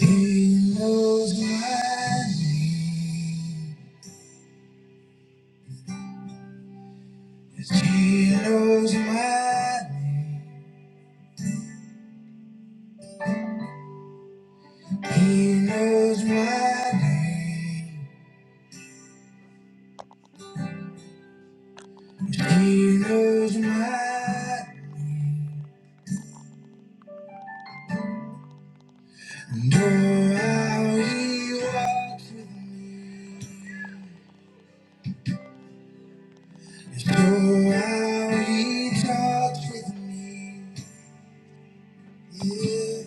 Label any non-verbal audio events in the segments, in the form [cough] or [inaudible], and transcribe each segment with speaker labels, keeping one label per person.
Speaker 1: He knows my name. Yes, He knows my name. He knows my name. Yes, He knows my name. And oh, how he walks with me. Yes, oh, how he talks with me. Yeah.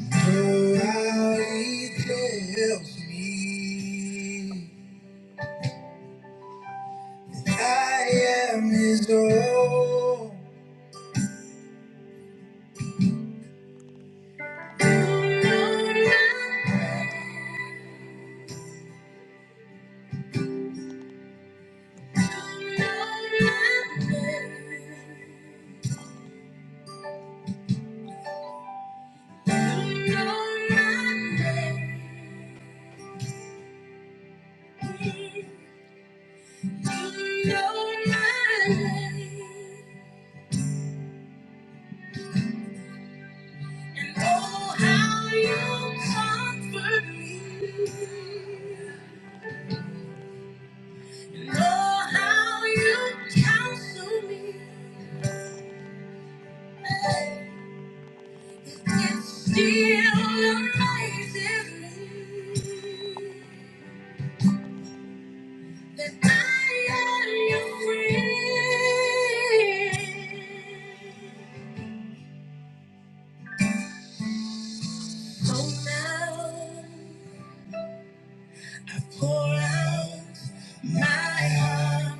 Speaker 1: And oh, how he tells me that I am his own. Still amazes me. That I am free. So now, pour out my heart.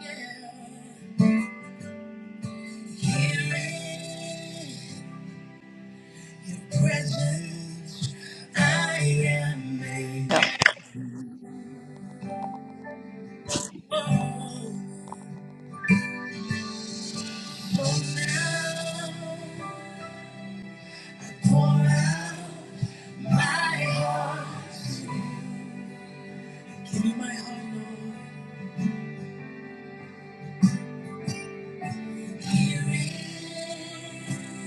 Speaker 1: Yeah. Here in your presence, I am made whole. So now, pour out my heart. Give me my heart, Lord. Here in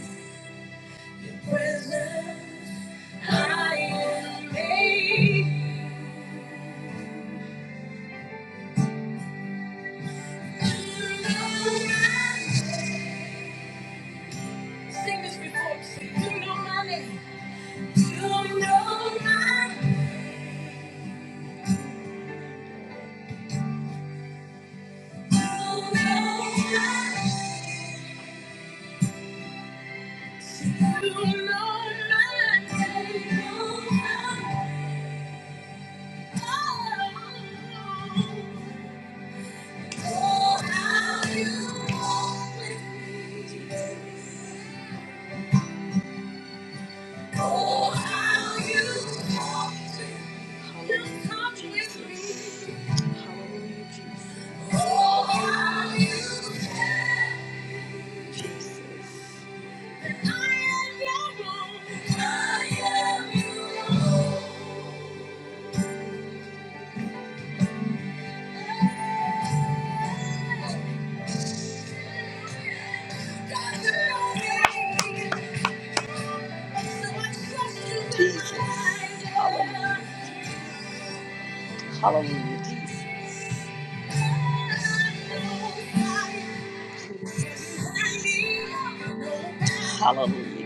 Speaker 1: Oh, how you walk me. Oh, how you talk to me. You talk with me. Oh, how you care. Jesus. And I am your own. I am your own. God, you're okay. So I trust you with Jesus. my life. Hallelujah. Hallelujah, Jesus. Hallelujah, Jesus. Hallelujah. Hallelujah,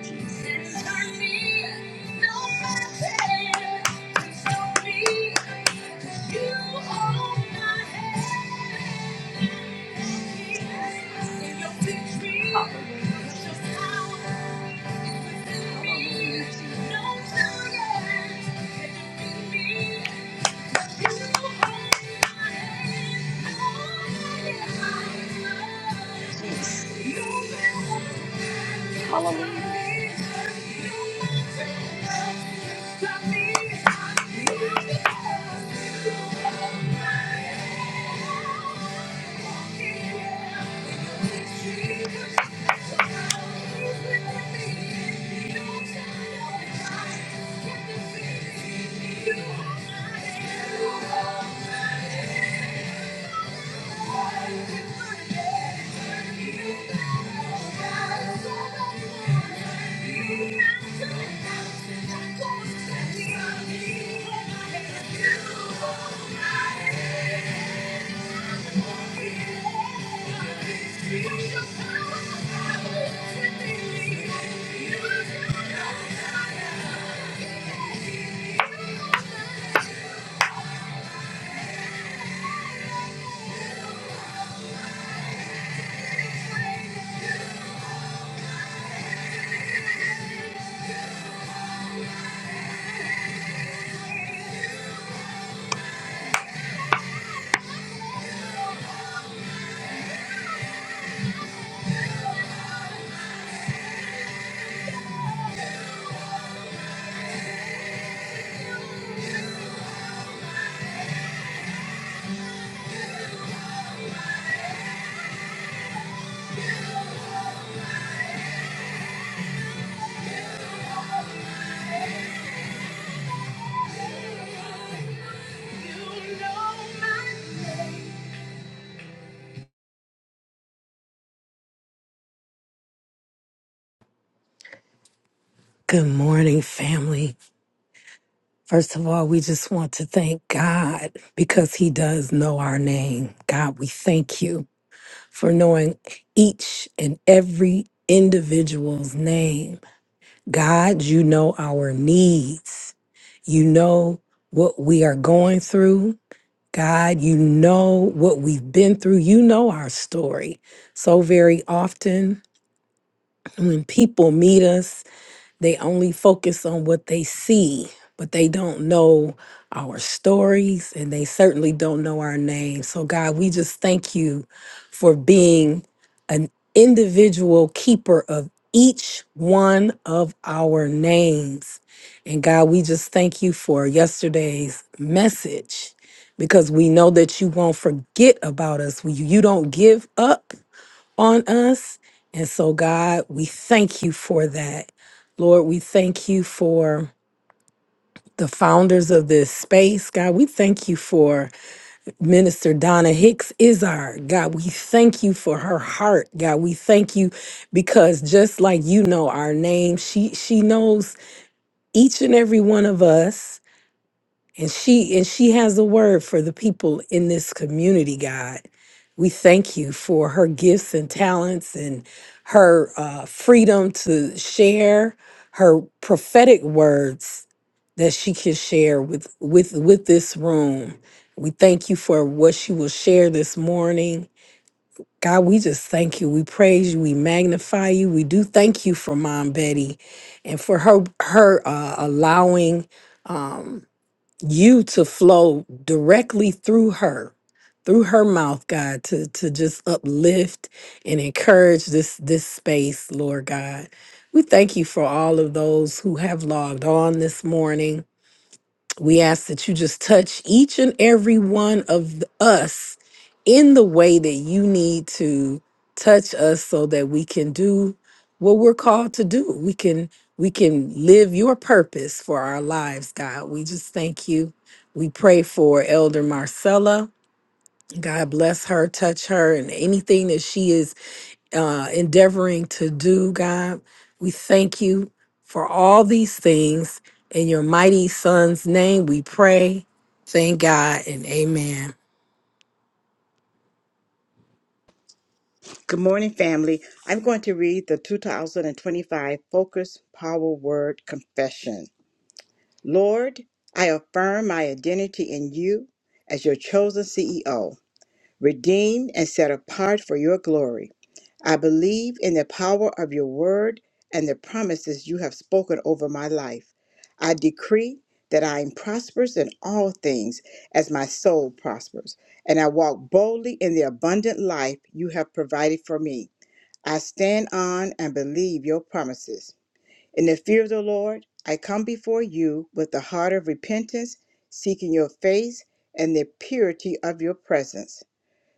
Speaker 1: Jesus. Hallelujah.
Speaker 2: Good morning, family. First of all, we just want to thank God because He does know our name. God, we thank you for knowing each and every individual's name. God, you know our needs. You know what we are going through. God, you know what we've been through. You know our story. So very often when people meet us, They only focus on what they see, but they don't know our stories and they certainly don't know our names. So, God, we just thank you for being an individual keeper of each one of our names. And God, we just thank you for yesterday's message because we know that you won't forget about us. You you don't give up on us. And so, God, we thank you for that. Lord, we thank you for the founders of this space. God, we thank you for Minister Donna Hicks Izard. God, we thank you for her heart. God, we thank you because just like you know our name, she she knows each and every one of us and she and she has a word for the people in this community god we thank you for her gifts and talents and her uh, freedom to share her prophetic words that she can share with with with this room we thank you for what she will share this morning god we just thank you we praise you we magnify you we do thank you for mom betty and for her her uh, allowing um, you to flow directly through her through her mouth god to to just uplift and encourage this this space lord god we thank you for all of those who have logged on this morning we ask that you just touch each and every one of th- us in the way that you need to touch us so that we can do what we're called to do. We can we can live your purpose for our lives, God. We just thank you. We pray for Elder Marcella. God bless her, touch her and anything that she is uh, endeavoring to do, God. We thank you for all these things. In your mighty son's name, we pray. Thank God and amen.
Speaker 3: Good morning, family. I'm going to read the 2025 Focus Power Word Confession. Lord, I affirm my identity in you as your chosen CEO, redeemed and set apart for your glory. I believe in the power of your word and the promises you have spoken over my life. I decree that I am prosperous in all things as my soul prospers, and I walk boldly in the abundant life you have provided for me. I stand on and believe your promises. In the fear of the Lord, I come before you with a heart of repentance, seeking your face and the purity of your presence.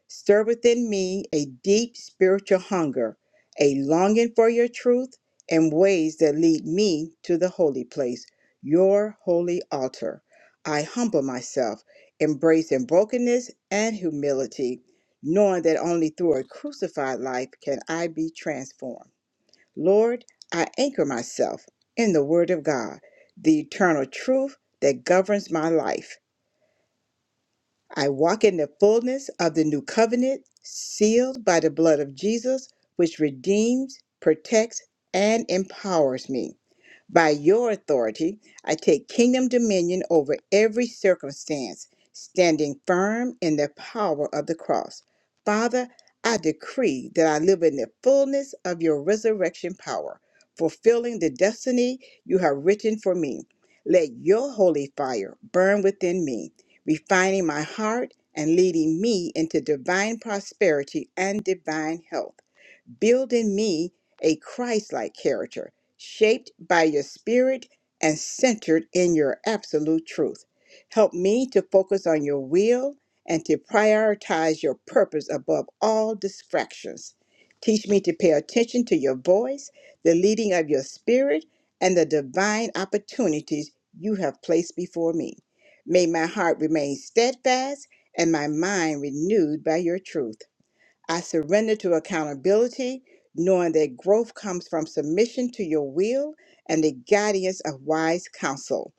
Speaker 3: Stir within me a deep spiritual hunger, a longing for your truth and ways that lead me to the holy place, your holy altar. I humble myself, embracing brokenness and humility, knowing that only through a crucified life can I be transformed. Lord, I anchor myself in the Word of God, the eternal truth that governs my life. I walk in the fullness of the new covenant, sealed by the blood of Jesus, which redeems, protects, and empowers me. By your authority, I take kingdom dominion over every circumstance, standing firm in the power of the cross. Father, I decree that I live in the fullness of your resurrection power, fulfilling the destiny you have written for me. Let your holy fire burn within me, refining my heart and leading me into divine prosperity and divine health build in me a Christ like character, shaped by your spirit and centered in your absolute truth. Help me to focus on your will and to prioritize your purpose above all distractions. Teach me to pay attention to your voice, the leading of your spirit, and the divine opportunities you have placed before me. May my heart remain steadfast and my mind renewed by your truth. I surrender to accountability, knowing that growth comes from submission to your will and the guidance of wise counsel.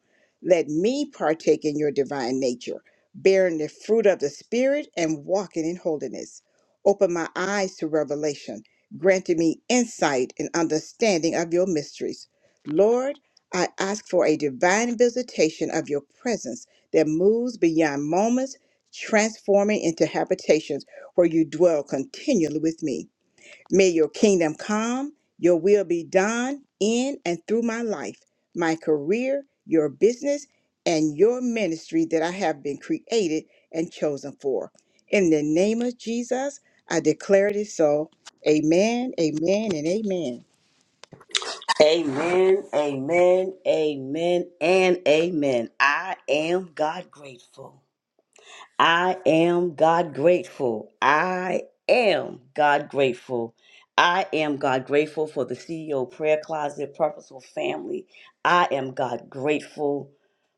Speaker 3: Let me partake in your divine nature, bearing the fruit of the Spirit and walking in holiness. Open my eyes to revelation, granting me insight and understanding of your mysteries. Lord, I ask for a divine visitation of your presence that moves beyond moments, transforming into habitations for you dwell continually with me. May your kingdom come, your will be done in and through my life, my career, your business, and your ministry that I have been created and chosen for. In the name of Jesus, I declare it is so. Amen, amen, and amen.
Speaker 1: Amen, amen, amen, and amen. I am God grateful. I am God grateful. I am God grateful. I am God grateful for the CEO Prayer Closet, Purposeful Family. I am God grateful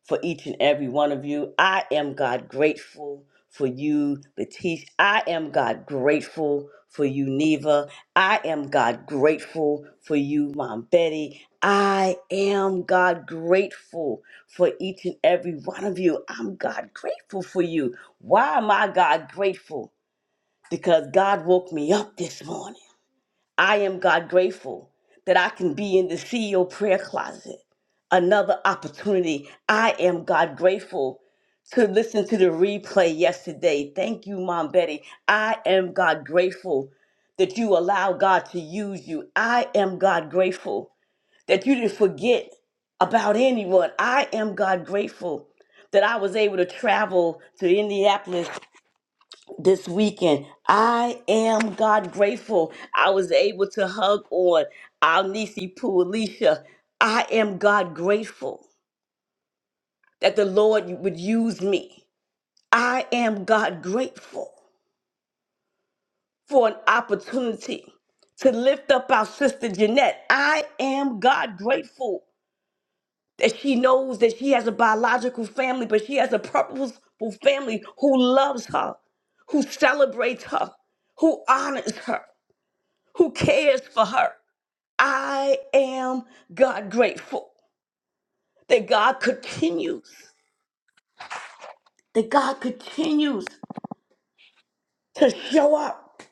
Speaker 1: for each and every one of you. I am God grateful for you, Letitia. I am God grateful for you, Neva. I am God grateful for you, Mom Betty. I am God grateful for each and every one of you. I'm God grateful for you. Why am I God grateful? Because God woke me up this morning. I am God grateful that I can be in the CEO prayer closet. Another opportunity. I am God grateful to listen to the replay yesterday. Thank you, Mom Betty. I am God grateful that you allow God to use you. I am God grateful that you didn't forget about anyone. I am God grateful that I was able to travel to Indianapolis this weekend. I am God grateful I was able to hug on our niecey Poo Alicia. I am God grateful that the Lord would use me. I am God grateful for an opportunity to lift up our sister Jeanette. I am God grateful that she knows that she has a biological family, but she has a purposeful family who loves her, who celebrates her, who honors her, who cares for her. I am God grateful that God continues, that God continues to show up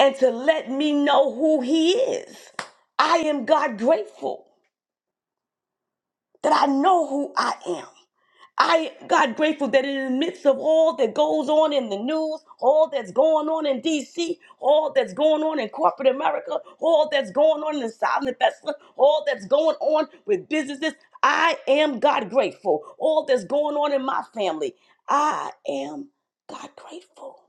Speaker 1: and to let me know who He is. I am God grateful that I know who I am. I God grateful that in the midst of all that goes on in the news, all that's going on in DC, all that's going on in corporate America, all that's going on in the silent investor, all that's going on with businesses, I am God grateful. All that's going on in my family, I am God grateful.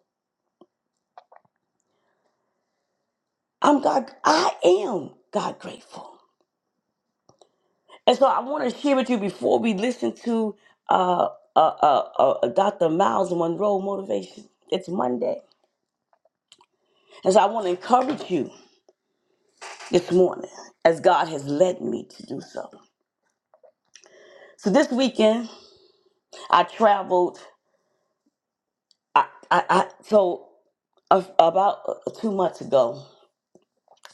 Speaker 1: I'm God, I am God grateful. And so I want to share with you before we listen to uh, uh, uh, uh, Dr. Miles Monroe Motivation. It's Monday. And so I want to encourage you this morning as God has led me to do so. So this weekend, I traveled. I, I, I so a- about uh, two months ago,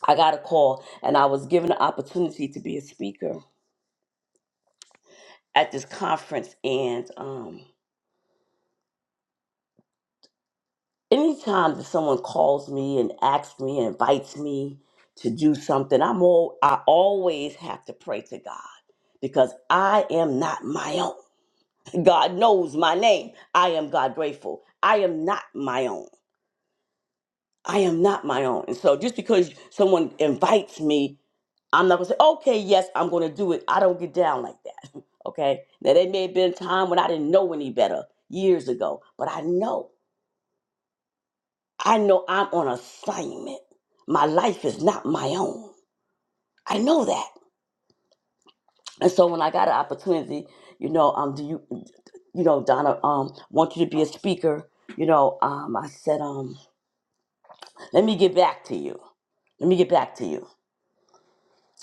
Speaker 1: I got a call and I was given the opportunity to be a speaker at this conference. And um, anytime that someone calls me and asks me and invites me to do something, I'm all I always have to pray to God because I am not my own. God knows my name. I am God grateful. I am not my own. I am not my own. And so just because someone invites me, I'm not gonna say, okay, yes, I'm gonna do it. I don't get down like that. [laughs] okay. Now there may have been a time when I didn't know any better years ago, but I know. I know I'm on assignment. My life is not my own. I know that. And so when I got an opportunity, you know, um, do you you know, Donna, um, want you to be a speaker, you know, um, I said, um, Let me get back to you. Let me get back to you.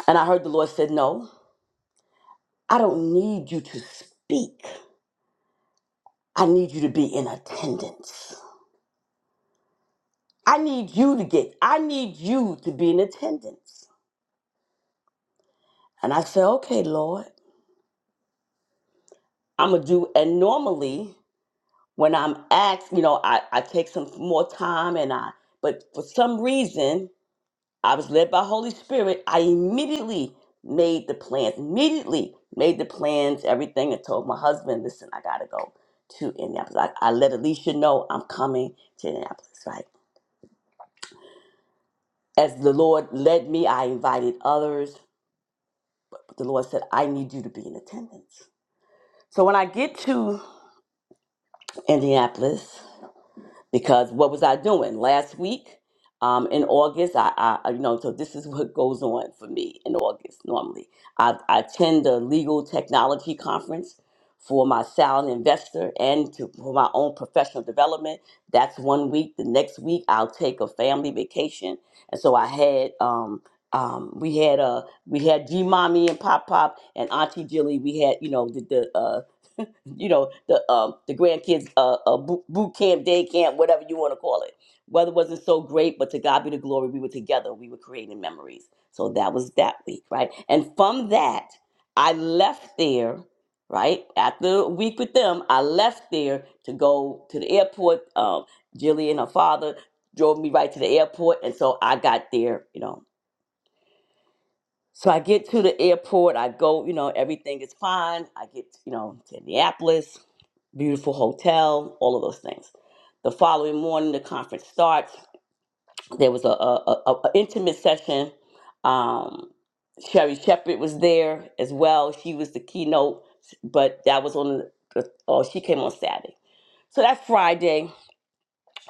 Speaker 1: And I heard the Lord said, No, I don't need you to speak. I need you to be in attendance. I need you to get, I need you to be in attendance. And I said, Okay, Lord, I'm going to do. And normally, when I'm asked, you know, I, I take some more time and I, but for some reason, I was led by Holy Spirit. I immediately made the plans. Immediately made the plans, everything, and told my husband, listen, I gotta go to Indianapolis. I, I let Alicia know I'm coming to Indianapolis, right? As the Lord led me, I invited others. But the Lord said, I need you to be in attendance. So when I get to Indianapolis, because what was I doing last week? Um, in August, I, I, I- you know, so this is [laughs] what goes on for me in August normally. I, I attend a legal technology conference for my silent investor and to, for my own professional development. That's one week. The next week, I'll take a family vacation, and so I had, um, um, we had a we had G mommy and Pop Pop and Auntie Jilly. We had, you know, the the uh, you know the um the grandkids uh, uh boot boot camp day camp whatever you want to call it weather wasn't so great but to god be the glory we were together we were creating memories so that was that week right and from that i left there right after a week with them i left there to go to the airport um jilly and her father drove me right to the airport and so i got there you know so i get to the airport i go you know everything is fine i get you know to indianapolis beautiful hotel, all of those things. The following morning, the conference starts. There was a, a, a, a intimate session. Um, Sherry Shepherd was there as well. She was the keynote, but that was on the, oh, she came on Saturday. So that's Friday.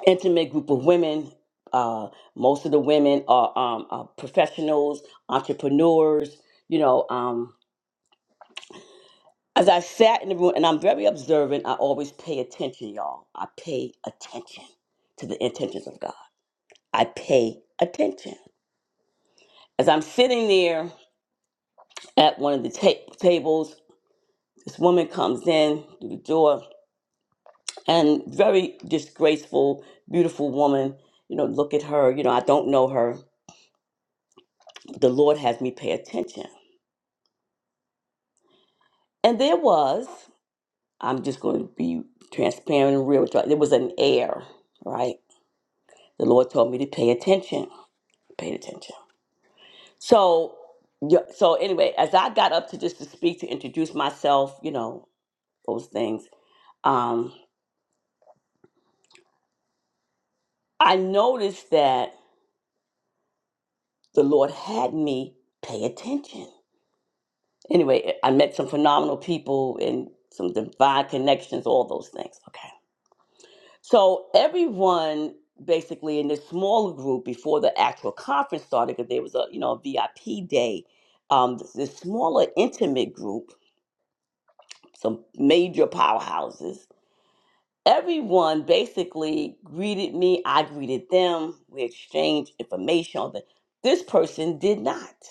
Speaker 1: Intimate group of women. Uh, most of the women are, um, are professionals, entrepreneurs. You know, um, As I sat in the room, and I'm very observant, I always pay attention, y'all. I pay attention to the intentions of God. I pay attention. As I'm sitting there at one of the ta- tables, this woman comes in through the door, and very just graceful, beautiful woman. You know, look at her. You know, I don't know her. The Lord has me pay attention. And there was, I'm just going to be transparent and real with y'all. There was an air, right? The Lord told me to pay attention. paid attention. So, yeah, so anyway, as I got up to just to speak to introduce myself, you know those things. Um, I noticed that the Lord had me pay attention. Anyway, I met some phenomenal people and some divine connections, all those things. Okay, so everyone basically in this smaller group before the actual conference started, because there was a you know a VIP day. Um, this this smaller intimate group, some major powerhouses everyone basically greeted me. I greeted them. We exchanged information on the This person did not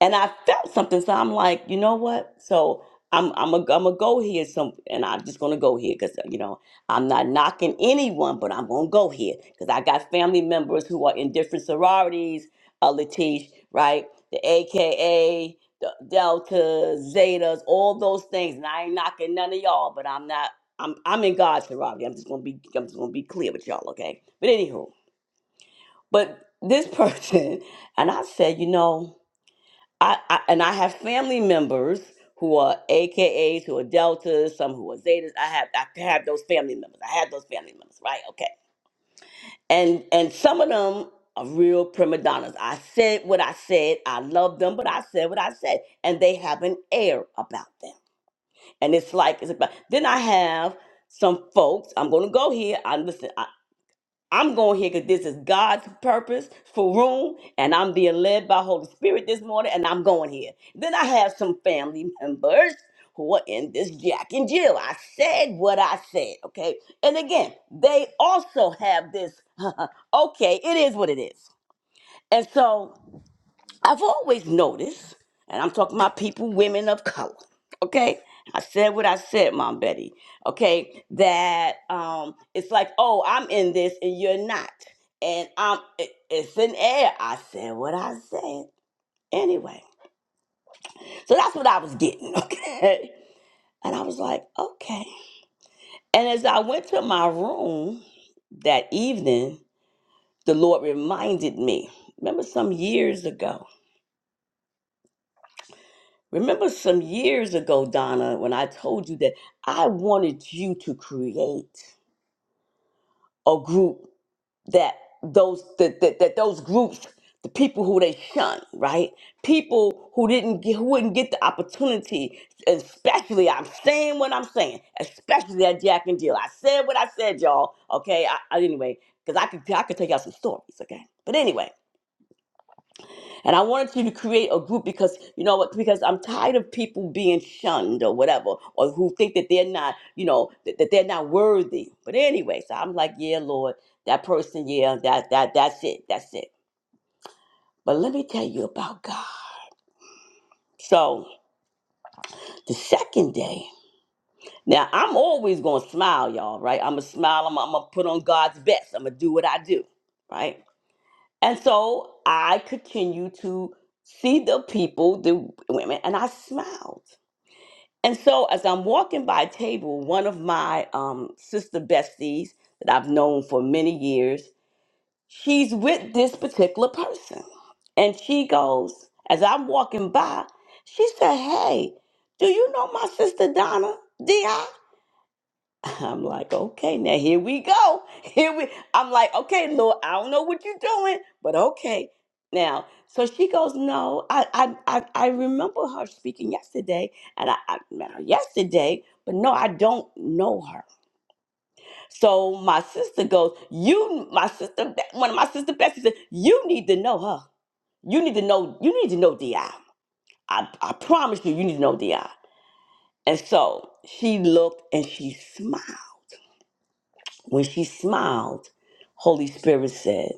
Speaker 1: and I felt something. So I'm like, you know what? So I'm I'm a, I'm a go here. Some and I'm just gonna go here because you know I'm not knocking anyone, but I'm gonna go here because I got family members who are in different sororities. Uh, Latish, right? The AKA, the Delta, Zetas, all those things. And I ain't knocking none of y'all, but I'm not. I'm I'm in God's sorority. I'm just gonna be I'm just gonna be clear with y'all, okay? But anywho, but this person [laughs] and I said, you know. I, I and I have family members who are AKAs, who are Deltas, some who are Zetas. I have I have those family members. I had those family members, right? Okay. And and some of them are real prima donnas. I said what I said. I love them, but I said what I said, and they have an air about them. And it's like it's about. Then I have some folks. I'm gonna go here. I listen. I'm going here because this is God's purpose for room, and I'm being led by Holy Spirit this morning, and I'm going here. Then I have some family [laughs] members who are in this Jack and Jill. I said what I said, okay? And again, they also have this, [laughs] okay, it is what it is. And so I've always noticed, and I'm talking about people, women of color, okay? I said what I said, Mom Betty, okay? That um, it's like, oh, I'm in this and you're not. And I'm, it- it's in air. I said what I said anyway. So that's what I was getting, [laughs] okay? And I was like, okay. And as I went to my room that evening, the Lord reminded me, remember some years ago? Remember some years ago, Donna, when I told you that I wanted you to create a group that those that, that, that those groups, the people who they shun, right? People who didn't get who wouldn't get the opportunity, especially I'm saying what I'm saying, especially that Jack and Jill. I said what I said, y'all. Okay, I, I anyway, because I could I could take out some stories, okay? But anyway. And I wanted you to create a group because you know what? Because I'm tired of people being shunned or whatever, or who think that they're not, you know, that, that they're not worthy. But anyway, so I'm like, yeah, Lord, that person, yeah, that that that's it, that's it. But let me tell you about God. So the second day, now I'm always gonna smile, y'all, right? I'm gonna smile. I'm, I'm gonna put on God's best. I'm gonna do what I do, right? And so I continue to see the people, the women, and I smiled. And so as I'm walking by a table, one of my um, sister besties that I've known for many years, she's with this particular person. And she goes, as I'm walking by, she said, Hey, do you know my sister Donna? DI? I'm like, okay, now here we go. [laughs] Here we I'm like, okay, Lord, I don't know what you're doing, but okay. Now, so she goes, no, I I I, I remember her speaking yesterday, and I, I met her yesterday, but no, I don't know her. So my sister goes, you, my sister, one of my sister Bessie said, you need to know her. You need to know, you need to know Di. I I promise you, you need to know Di. And so she looked and she smiled. When she smiled, Holy Spirit said,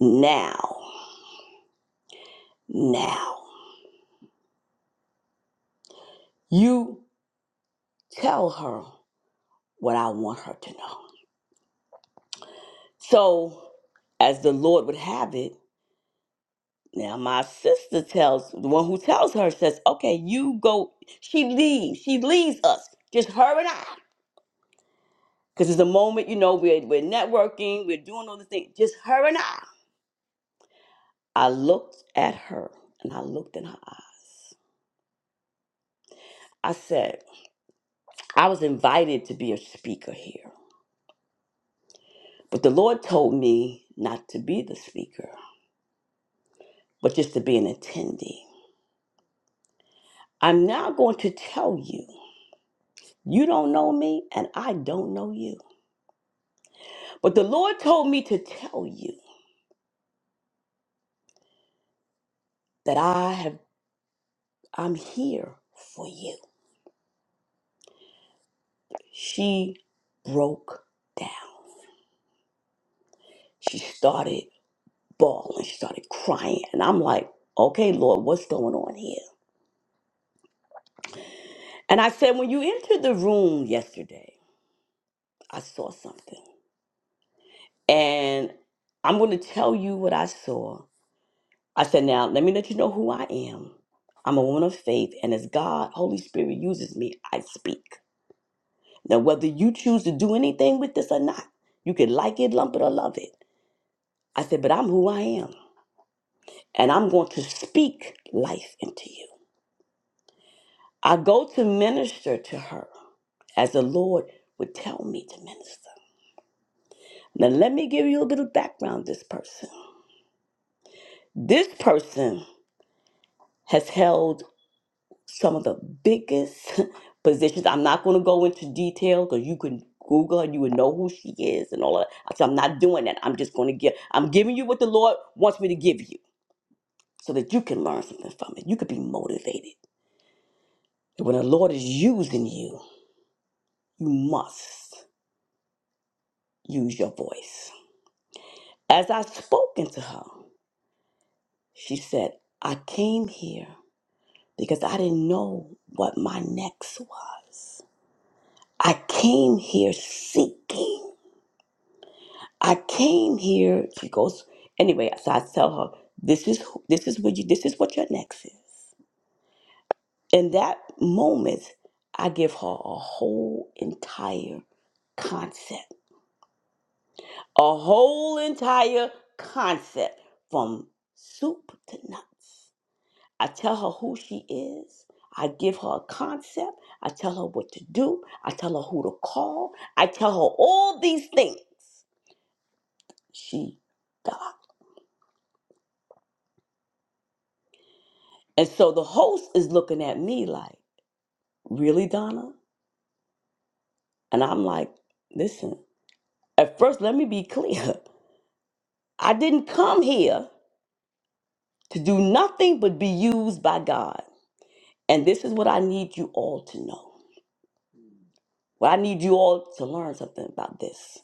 Speaker 1: Now, now, you tell her what I want her to know. So, as the Lord would have it, now my sister tells, the one who tells her says, Okay, you go. She leaves. She leaves us, just her and I. Because it's a moment, you know, we're, we're networking, we're doing all the things, just her and I. I looked at her and I looked in her eyes. I said, I was invited to be a speaker here. But the Lord told me not to be the speaker, but just to be an attendee. I'm now going to tell you, you don't know me and I don't know you. But the Lord told me to tell you that I have I'm here for you. She broke down. She started bawling, she started crying, and I'm like, "Okay, Lord, what's going on here?" And I said, "When you entered the room yesterday, I saw something. And I'm going to tell you what I saw. I said, Now, let me let you know who I am. I'm a woman of faith, and as God, Holy Spirit uses me, I speak. Now, whether you choose to do anything with this or not, you can like it, lump it, or love it. I said, But I'm who I am, and I'm going to speak life into you. I go to minister to her as the Lord would tell me to minister. Now, let me give you a bit of background this person. This person has held some of the biggest [laughs] positions. I'm not going to go into detail because you can Google and you would know who she is and all of that. So I'm not doing that. I'm just going to give. I'm giving you what the Lord wants me to give you so that you can learn something from it. You could be motivated. And when the Lord is using you, you must use your voice. As I spoke into her, she said, I came here because I didn't know what my next was. I came here seeking. I came here. She goes anyway. So I tell her, "This is who- this is what you this is what your next is." In that moment, I give her a whole entire concept, a whole entire concept from soup to nuts. I tell her who she is. I give her a concept. I tell her what to do. I tell her who to call. I tell her all these things. She fell And so the host is looking at me like, Really, Donna? And I'm like, Listen, at first, let me be clear. [laughs] I didn't come here to do nothing but be used by God. And this is what I need you all to know. Well, I need you all to learn something about this.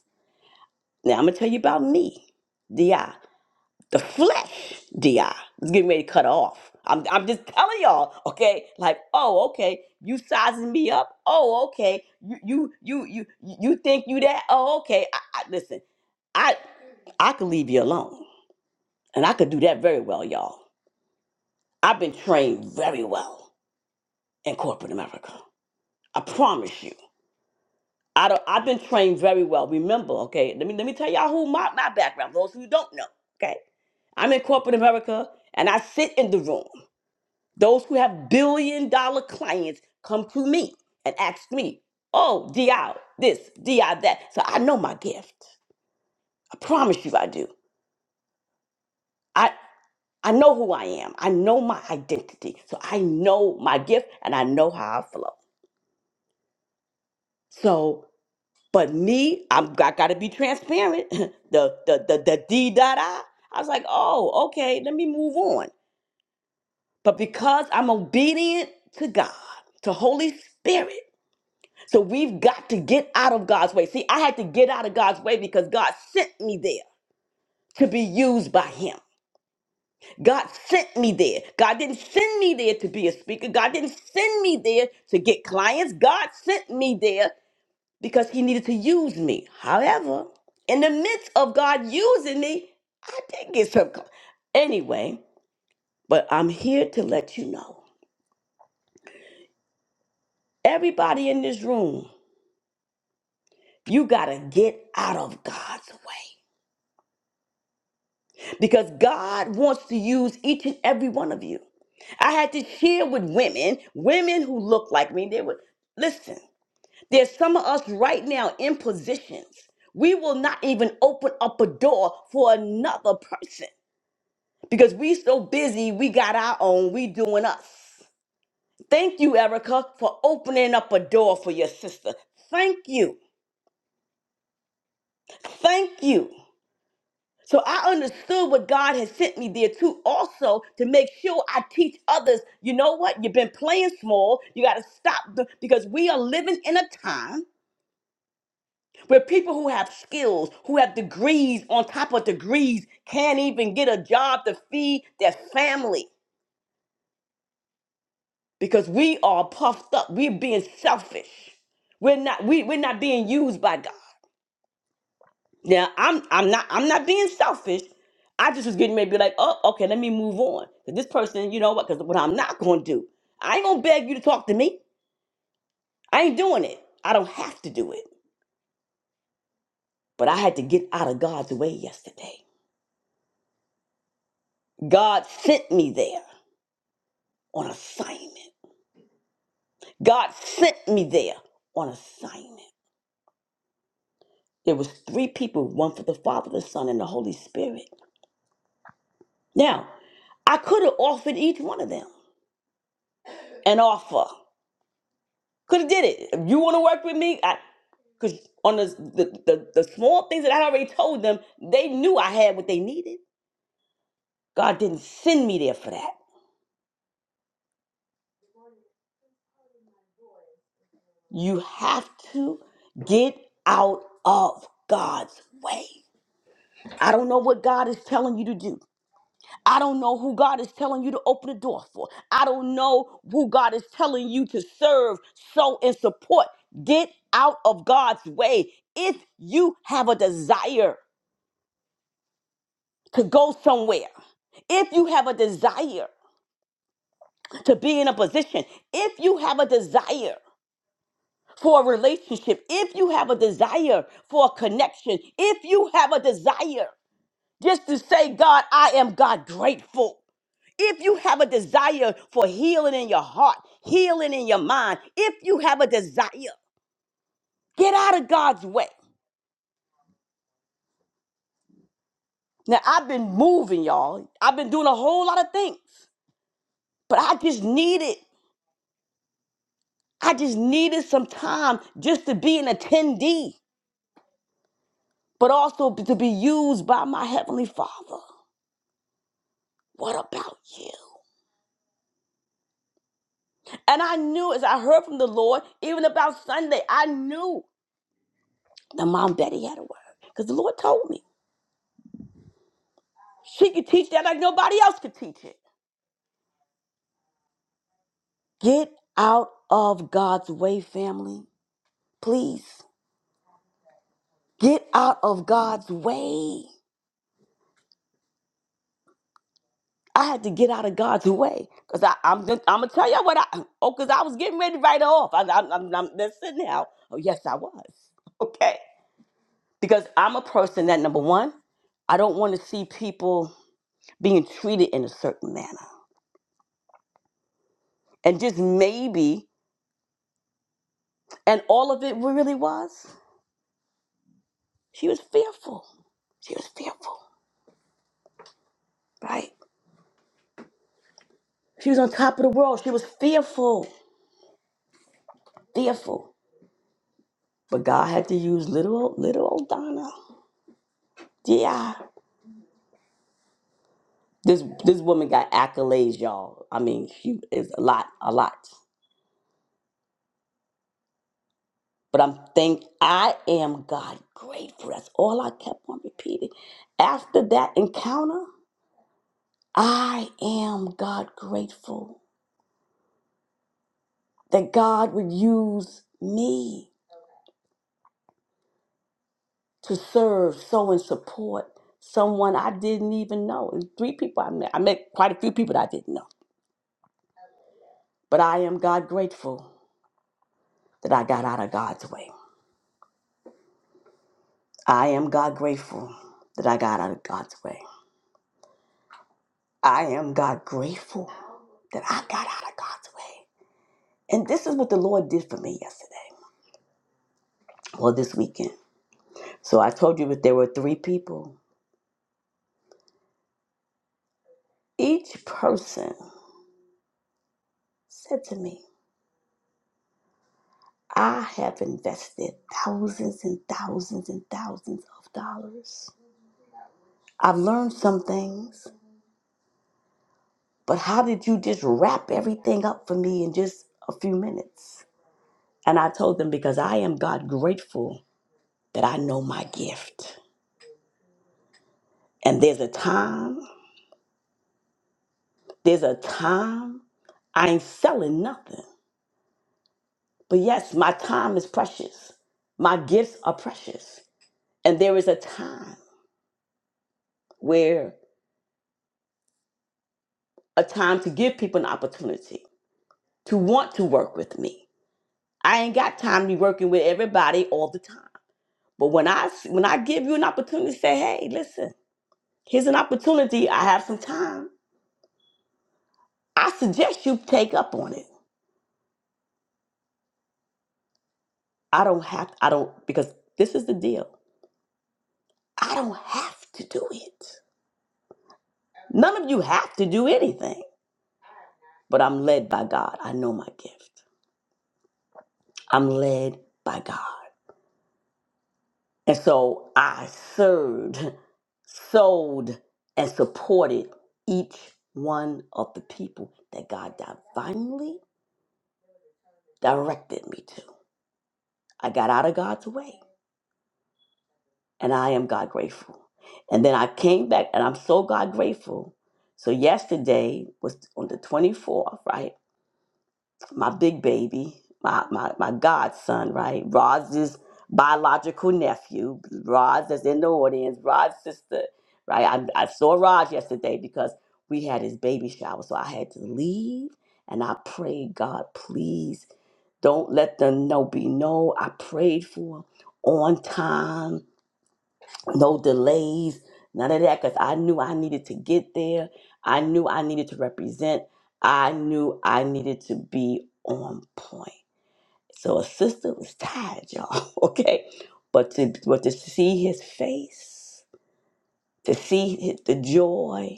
Speaker 1: Now, I'm going to tell you about me, DI. the flesh, Di, is getting ready to cut off. I'm, I'm just telling y'all, okay? Like, oh, okay, you sizing me up? Oh, okay, you you you you you think you that? Oh, okay. I, I, listen, I I could leave you alone, and I could do that very well, y'all. I've been trained very well in corporate America. I promise you. I don't, I've been trained very well. Remember, okay? Let me let me tell y'all who my, my background. Those who don't know, okay? I'm in corporate America, and I sit in the room. Those who have billion dollar clients come to me and ask me, oh, DI this, DI that. So I know my gift. I promise you I do. I, I know who I am. I know my identity. So I know my gift and I know how I flow. So, but me, I'm, I gotta be transparent. [laughs] the, the, the, the D dot I, I was like, oh, okay, let me move on. But because I'm obedient to God, to Holy Spirit, So we've got to get out of God's way. See, I had to get out of God's way because God sent me there to be used by Him. God sent me there. God didn't send me there to be a speaker. God didn't send me there to get clients. God sent me there because He needed to use me. However, in the midst of God using me, I did get some. cl- Anyway, but I'm here to let you know everybody in this room, you got to get out of God's way. because God wants to use each and every one of you. I had to share with women, women who look like me. They would listen. There's some of us right now in positions. We will not even open up a door for another person because we so busy. We got our own. We doing us. Thank you, Erica, for opening up a door for your sister. Thank you. Thank you. So I understood what God has sent me there to, also to make sure I teach others. You know what? You've been playing small. You got to stop the, because we are living in a time where people who have skills, who have degrees on top of degrees, can't even get a job to feed their family because we are puffed up. We're being selfish. We're not. We, we're not being used by God. Now I'm I'm not I'm not being selfish. I just was getting ready to be like, oh, okay, let me move on. 'Cause this person, you know what? Because what I'm not gonna do, I ain't gonna beg you to talk to me. I ain't doing it. I don't have to do it. But I had to get out of God's way yesterday. God sent me there on assignment. God sent me there on assignment. There was three people, one for the Father, the Son, and the Holy Spirit. Now, I could have offered each one of them an offer. Could have did it. If you want to work with me, I because on the, the the the small things that I already told them, they knew I had what they needed. God didn't send me there for that. You have to get out of God's way. I don't know what God is telling you to do. I don't know who God is telling you to open the door for. I don't know who God is telling you to serve, sow, and support. Get out of God's way if you have a desire. to go somewhere, if you have a desire to be in a position, if you have a desire for a relationship, if you have a desire for a connection, if you have a desire just to say, God, I am God grateful. If you have a desire for healing in your heart, healing in your mind, if you have a desire, get out of God's way. Now, I've been moving, y'all. I've been doing a whole lot of things, but I just needed I just needed some time just to be an attendee, but also to be used by my Heavenly Father. What about you? And I knew as I heard from the Lord, even about Sunday, I knew the mom and daddy had a word because the Lord told me she could teach that like nobody else could teach it. Get out of God's way, family. Please get out of God's way. I had to get out of God's way because I'm just, I'm gonna tell you what I oh because I was getting ready to write her off. I, I, I'm, I'm that's it now. Oh yes, I was [laughs] okay because I'm a person that number one, I don't want to see people being treated in a certain manner and just maybe and all of it really was she was fearful. She was fearful, right? She was on top of the world. She was fearful, fearful. But God had to use little old- little old Donna. Yeah. This this woman got accolades, y'all. I mean, she is a lot, a lot. But I'm thank I am God grateful. That's all I kept on repeating. After that encounter, I am God grateful that God would use me to serve, so and support someone I didn't even know. And three people I met. I met quite a few people that I didn't know. But I am God grateful that I got out of God's way. I am God grateful that I got out of God's way. I am God grateful that I got out of God's way. And this is what the Lord did for me yesterday, well, this weekend. So I told you that there were three people. Each person said to me, I have invested thousands and thousands and thousands of dollars. I've learned some things, but how did you just wrap everything up for me in just a few minutes? And I told them, because I am God grateful that I know my gift. And there's a time There's a time I ain't selling nothing. But yes, my time is precious. My gifts are precious. And there is a time where a time to give people an opportunity to want to work with me. I ain't got time to be working with everybody all the time. But when I when I give you an opportunity to say, "Hey, listen, here's an opportunity. I have some time." I suggest you take up on it. I don't have I don't because this is the deal. I don't have to do it. None of you have to do anything, but I'm led by God. I know my gift. I'm led by God. And so I served, sold, and supported each one of the people that God divinely directed me to. I got out of God's way, and I am God grateful. And then I came back, and I'm so God grateful. So yesterday was on the 24th, right? my big baby, my my, my godson, right? Roz's biological nephew, Roz that's in the audience, Roz's sister, right? I, I saw Roz yesterday because we had his baby shower, so I had to leave and I prayed, God, please don't let them know be no. I prayed for him on time no delays, none of that, because I knew I needed to get there. I knew I needed to represent. I knew I needed to be on point. So a sister was tired, y'all. [laughs] Okay, but to but to see his face, to see his, the joy.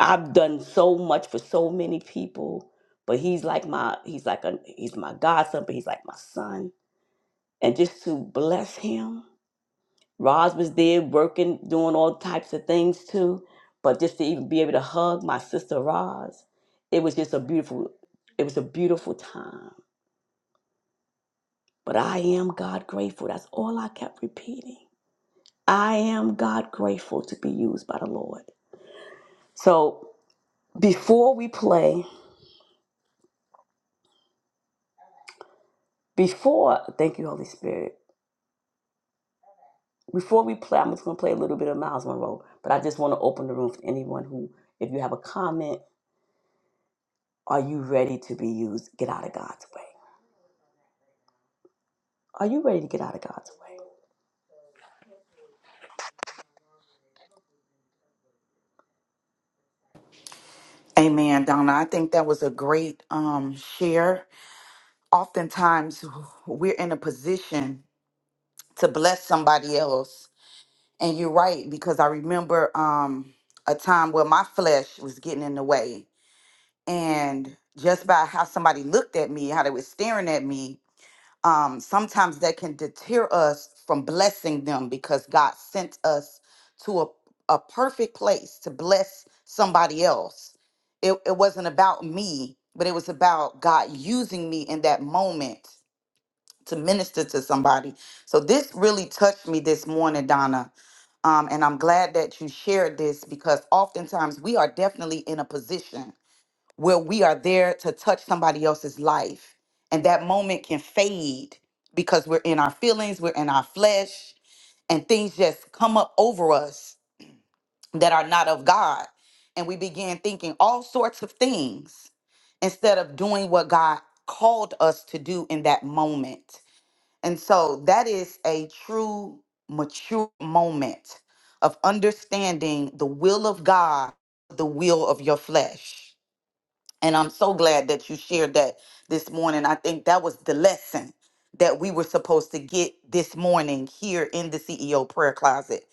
Speaker 1: I've done so much for so many people, but he's like my he's like a he's my godson, but he's like my son, and just to bless him Roz was there working, doing all types of things too. But just to even be able to hug my sister Roz, it was just a beautiful, it was a beautiful time. But I am God grateful. That's all I kept repeating. I am God grateful to be used by the Lord. So before we play, before, thank you, Holy Spirit, before we play, I'm just going to play a little bit of Miles Monroe, but I just want to open the room for anyone who, if you have a comment, are you ready to be used? Get out of God's way. Are you ready to get out of God's way?
Speaker 4: Amen, Donna. I think that was a great um, share. Oftentimes, we're in a position to bless somebody else, and you're right because I remember um, a time where my flesh was getting in the way, and just by how somebody looked at me, how they were staring at me, um, sometimes that can deter us from blessing them because God sent us to a, a perfect place to bless somebody else. It, it wasn't about me, but it was about God using me in that moment to minister to somebody. So this really touched me this morning, Donna. Um, and I'm glad that you shared this because oftentimes we are definitely in a position where we are there to touch somebody else's life. And that moment can fade because we're in our feelings, we're in our flesh, and things just come up over us that are not of God. And we begin thinking all sorts of things instead of doing what God called us to do in that moment. And so that is a true mature moment of understanding the will of God, the will of your flesh. And I'm so glad that you shared that this morning. I think that was the lesson that we were supposed to get this morning here in the CEO prayer closet,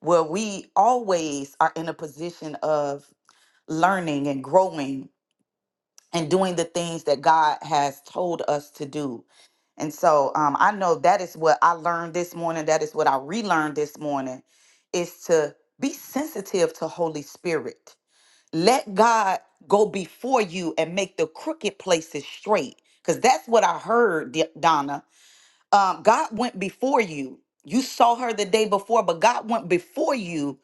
Speaker 4: where we always are in a position of learning and growing and doing the things that God has told us to do. And so um, I know that is what I learned this morning. That is what I relearned this morning is to be sensitive to Holy Spirit let God go before you and make the crooked places straight. Because that's what I heard, D- Donna. Um, God went before you. You saw her the day before, but God went before you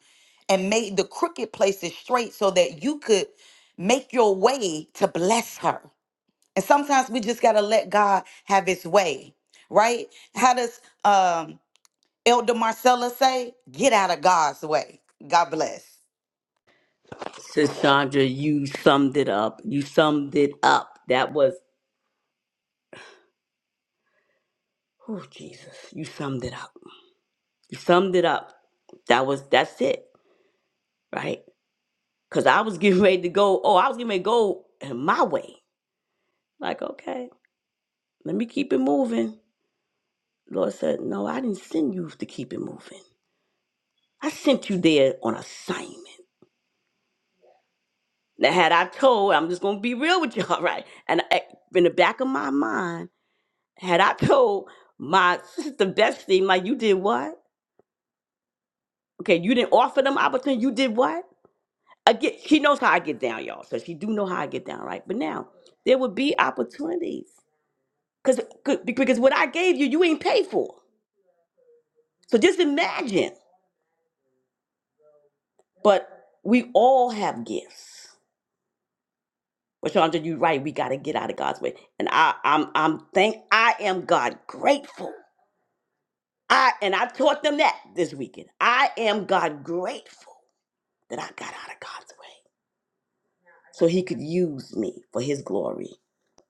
Speaker 4: and made the crooked places straight so that you could make your way to bless her. And sometimes we just got to let God have his way, right? How does um, Elder Marcella say? Get out of God's way. God bless.
Speaker 1: Sis Chandra, you summed it up. You summed it up. That was oh Jesus. You summed it up. You summed it up. That was that's it, right? Cause I was getting [laughs] ready to go. Oh, I was getting ready to go in my way. Like, okay, let me keep it moving. Lord said, No, I didn't send you to keep it moving. I sent you there on assignment. Now had I told, I'm just gonna be real with y'all, [laughs] right? And I, in the back of my mind. Had I [laughs] told my sister Bestie, like, you did what? Okay, you didn't offer them opportunity. You did what? Again, she knows how I get down, y'all. So she do know how I get down, right? But now there would be opportunities, cause 'cause- because what I gave you, you ain't paid for. So just imagine. But we all have gifts. But Chandra, you're right. We got to get out of God's way. And I, I'm, I'm thank, I am God grateful. I and I taught them that this weekend. I am God grateful that I got out of God's way. so he could use me for his glory.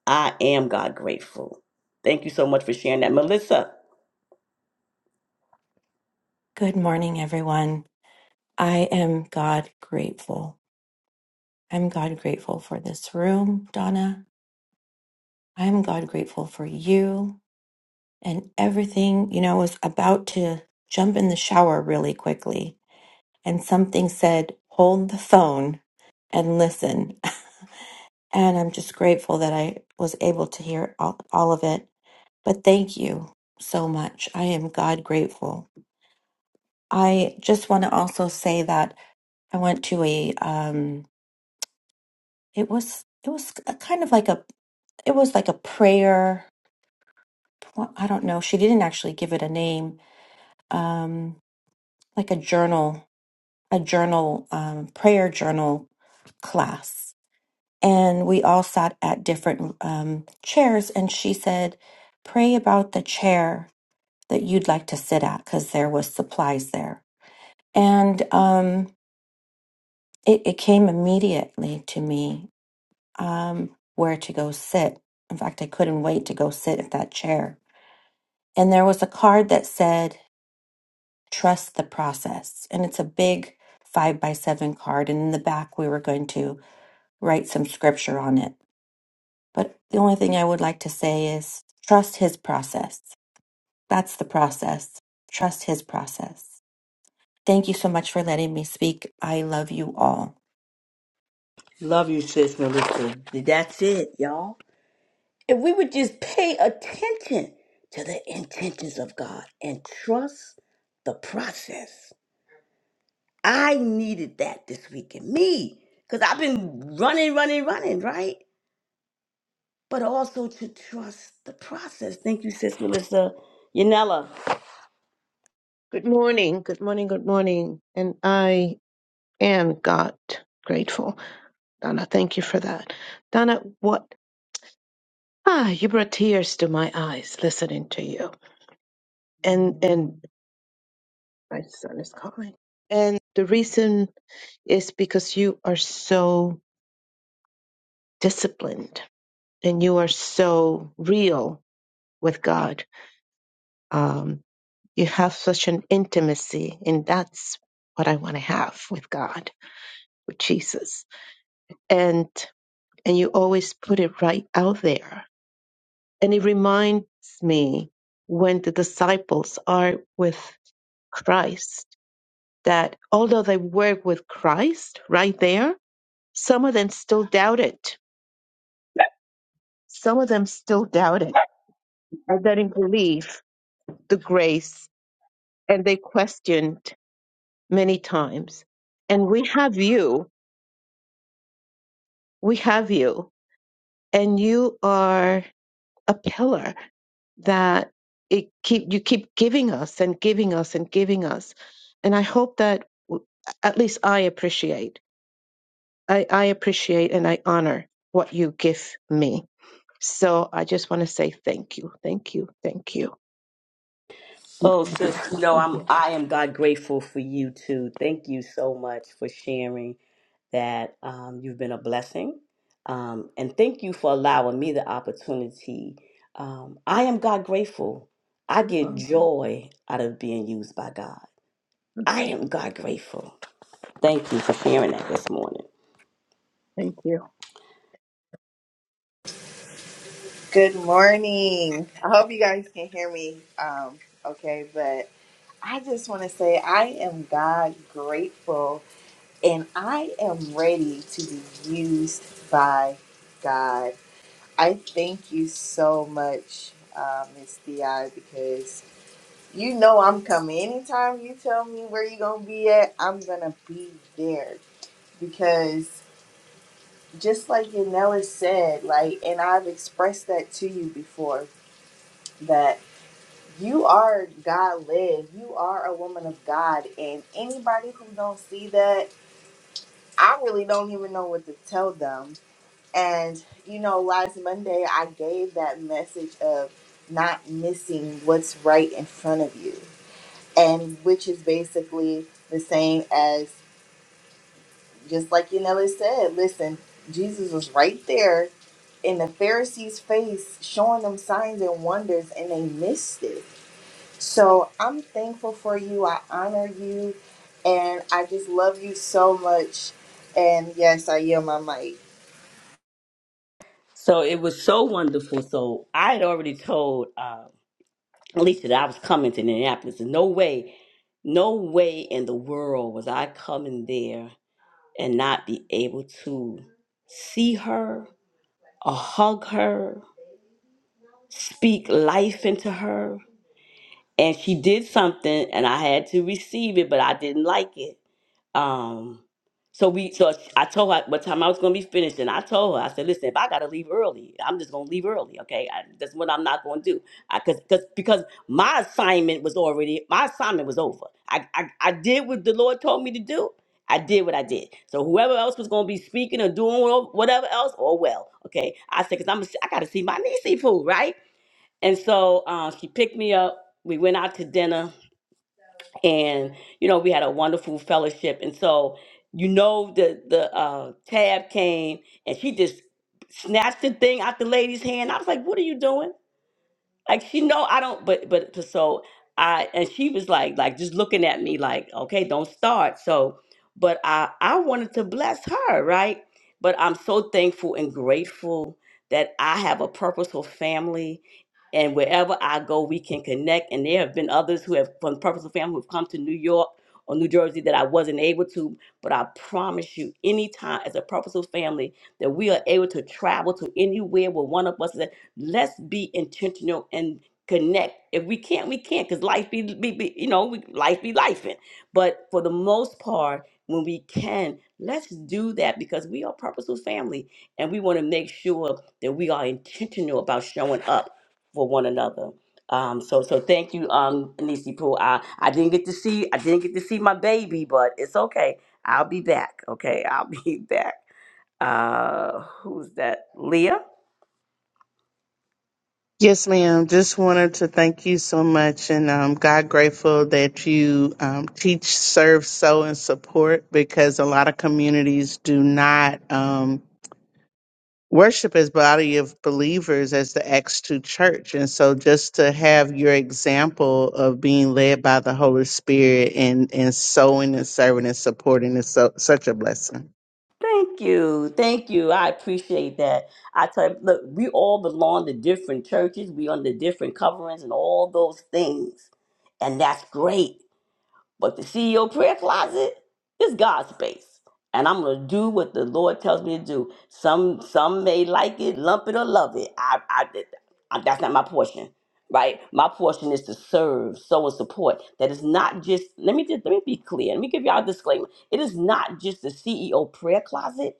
Speaker 1: I am God grateful. Thank you so much for sharing that. Melissa,
Speaker 5: Good morning, everyone. I am God grateful. I'm God grateful for this room, Donna. I'm God grateful for you and everything. You know, I was about to jump in the shower really quickly, and something said, hold the phone and listen. [laughs] And I'm just grateful that I was able to hear all, all of it. But thank you so much. I am God grateful. I just want to also say that I went to a, um, It was it was a kind of like a it was like a prayer. Well, I don't know. She didn't actually give it a name. Um, like a journal, a journal, um, prayer journal class, and we all sat at different um, chairs. And she said, "Pray about the chair that you'd like to sit at, because there was supplies there." And um, it, it came immediately to me um, where to go sit. In fact, I couldn't wait to go sit at that chair and there was a card that said trust the process and it's a big five by seven card and in the back we were going to write some scripture on it but the only thing i would like to say is trust his process that's the process trust his process thank you so much for letting me speak i love you all
Speaker 1: Love you, sis Melissa. That's it, y'all. If we would just pay attention to the intentions of God and trust the process. I needed that this week in me because I've been running, running, running, right? But also to trust the process. Thank you, sis Melissa. Yanela.
Speaker 6: Good morning, good morning, good morning. And I am God grateful. Donna, thank you for that. Donna, what ah, you brought tears to my eyes listening to you. And and my son is calling. And the reason is because you are so disciplined and you are so real with God. Um, you have such an intimacy, and that's what I want to have with God, with Jesus. And and you always put it right out there. And it reminds me when the disciples are with Christ that although they were with Christ right there, some of them still doubted. Some of them still doubted and they didn't believe the grace and they questioned many times. And we have you, we have you, and you are a pillar that it keep you keep giving us and giving us and giving us and i hope that w- at least i appreciate i, I appreciate and i honor what you give me so i just want to say thank you thank you thank you thank
Speaker 1: Oh,
Speaker 6: you
Speaker 1: sis, you know,
Speaker 6: thank you,
Speaker 1: I'm I am God grateful for you too. Thank you so much for sharing that. Um, you've been a blessing, um, and thank you for allowing me the opportunity. Um, I am God grateful. I get
Speaker 6: um,
Speaker 1: joy out of being used by God. I am God grateful. Thank you for sharing that this morning.
Speaker 6: thank you.
Speaker 7: Good morning. I hope you guys can hear me um, okay, but I just want to say I am God grateful and I am ready to be used by God. I thank you so much, uh, Miss DI, because you know I'm coming. Anytime you tell me where you're going to be at, I'm going to be there because just like Yanela said, like, and I've expressed that to you before, that. You are God led. You are a woman of God. And anybody who don't see that, I really don't even know what to tell them. And, you know, last Monday, I gave that message of not missing what's right in front of you. And which is basically the same as just like Yanela said, listen, Jesus was right there in the Pharisees' face showing them signs and wonders, and they missed it So I'm thankful for you. I honor you. And I just love you so much. And yes, I yield my mic.
Speaker 1: So it was so wonderful. So I had already told. Um, at least that I was coming to Indianapolis. There's no way, no way in the world was I coming there and not be able to see her or hug her, speak life into her. And she did something and I had to receive it, but I didn't like it. Um, so we, so I told her what time I was going to be finished, and I told her, I said, listen, if I got to leave early, I'm just going to leave early, okay? I, that's what I'm not going to do, I, cause, cause, because my assignment was already, my assignment was over. I, I, I did what the Lord told me to do. I did what I did. So whoever else was going to be speaking or doing wha- whatever else, oh well, okay. I said, cause I'm, I got to see my niece food, right? And so um, she picked me up. We went out to dinner and you know we had a wonderful fellowship and so you know the the uh tab came and she just snatched the thing out the lady's hand i was like what are you doing like she know I don't but but so I and she was like like just looking at me like okay don't start so but I I wanted to bless her right but I'm so thankful and grateful that I have a purposeful family and wherever I go we can connect and there have been others who have from purposeful family who've come to New York or New Jersey that I wasn't able to but I promise you anytime as a purposeful family that we are able to travel to anywhere where one of us is at let's be intentional and connect. If we can't, we can't, because life be, be, be, you know, we, life be life. But for the most part, when we can, let's do that because we are purposeful family and we want to make sure that we are intentional about showing up for one another. Um, so so thank you, um, Nisi Pooh. I, I didn't get to see I didn't get to see my baby, but it's okay. I'll be back. Okay, I'll [laughs] be back. Uh, who's that? Leah?
Speaker 8: Yes, ma'am. Just wanted to thank you so much, and um, God grateful that you um, teach, serve, sow, and support because a lot of communities do not um, worship as body of believers as the Acts two church, and so just to have your example of being led by the Holy Spirit and and sowing and serving and supporting is so such a blessing.
Speaker 1: Thank you. Thank you. I appreciate that. I tell you, look, we all belong to different churches. We under different coverings and all those things. And that's great. But the CEO prayer closet is God's space. And I'm gonna do what the Lord tells me to do. Some some may like it, lump it or love it. I, I, I- that's not my portion, right? My portion is to serve, sow, and support. That is not just. Let me just let me be clear. Let me give y'all a disclaimer. It is not just the CEO prayer closet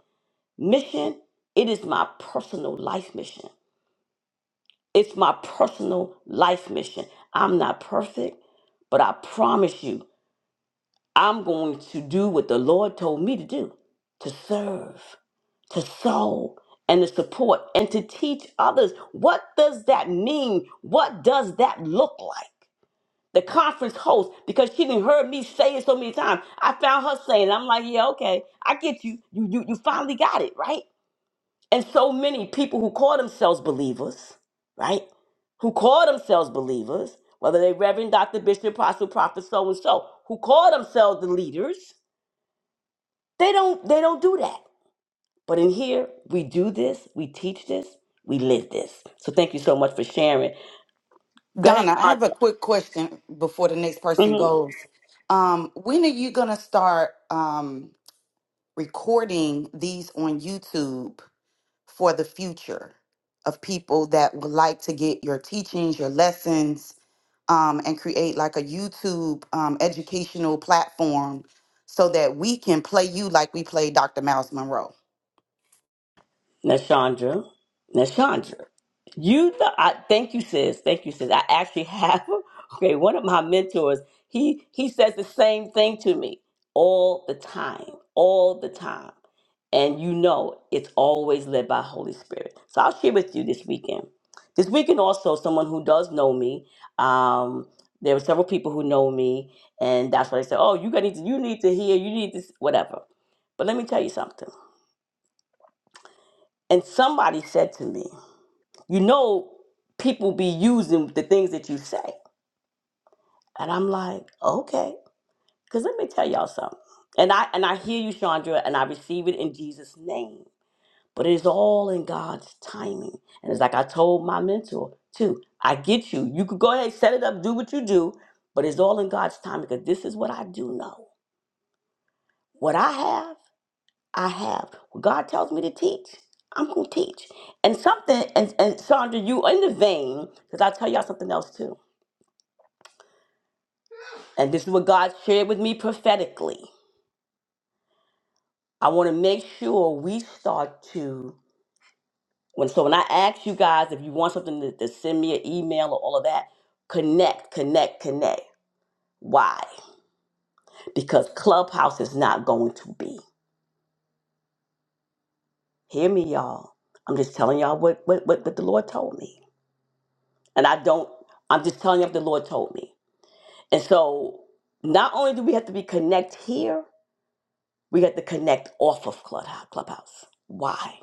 Speaker 1: mission. It is my personal life mission. It's my personal life mission. I'm not perfect, but I promise you. I'm going to do what the Lord told me to do to serve, to sow, and to support, and to teach others. What does that mean? What does that look like? The conference host, because she didn't heard me say it so many times. I found her saying, it. I'm like, yeah, okay, I get you. You, you. you finally got it, right? And so many people who call themselves believers, right? Who call themselves believers, whether they Reverend, Dr. Bishop, Apostle, Prophet, so and so, who call themselves the leaders, they don't they don't do that. But in here, we do this, we teach this, we live this. So thank you so much for sharing. Go ahead,
Speaker 4: Donna, I have a quick question before the next person
Speaker 1: Chandra.
Speaker 4: goes. Um, when are you going to start um, recording these on YouTube for the future of people that would like to get your teachings, your lessons, um, and create like a YouTube um, educational platform so that we can play you like we play Dr. Miles Monroe?
Speaker 1: Nashandra, Nashandra, you know, I thank you, sis. Thank you, sis. I actually have [laughs] okay. One of my mentors, he he says the same thing to me all the time, all the time, and you know it's always led by Holy Spirit. So I'll share with you this weekend. This weekend also, someone who does know me. Um, there were several people who know me, and that's why they said, "Oh, you got need to, you need to hear, you need this, whatever." But let me tell you something. And somebody said to me. You know, people be using the things that you say. And I'm like, okay. Cause let me tell y'all something. And I and I hear you, Chandra, and I receive it in Jesus' name. But it is all in God's timing. And it's like I told my mentor too. I get you. You could go ahead, set it up, do what you do, but it's all in God's timing. Because this is what I do know. What I have, I have. What God tells me to teach, I'm gonna teach. And something, and, and Sandra, you in the vein, because I'll tell y'all something else too And this is what God shared with me prophetically. I want to make sure we start to when so when I ask you guys if you want something to, to send me an email or all of that, connect, connect, connect. Why? Because Clubhouse is not going to be. Hear me, y'all. I'm just telling y'all what what, what, what the Lord told me. And I don't I'm just telling you what the Lord told me. And so not only do we have to be connect here, we have to connect off of Clubhouse. Clubhouse. Why?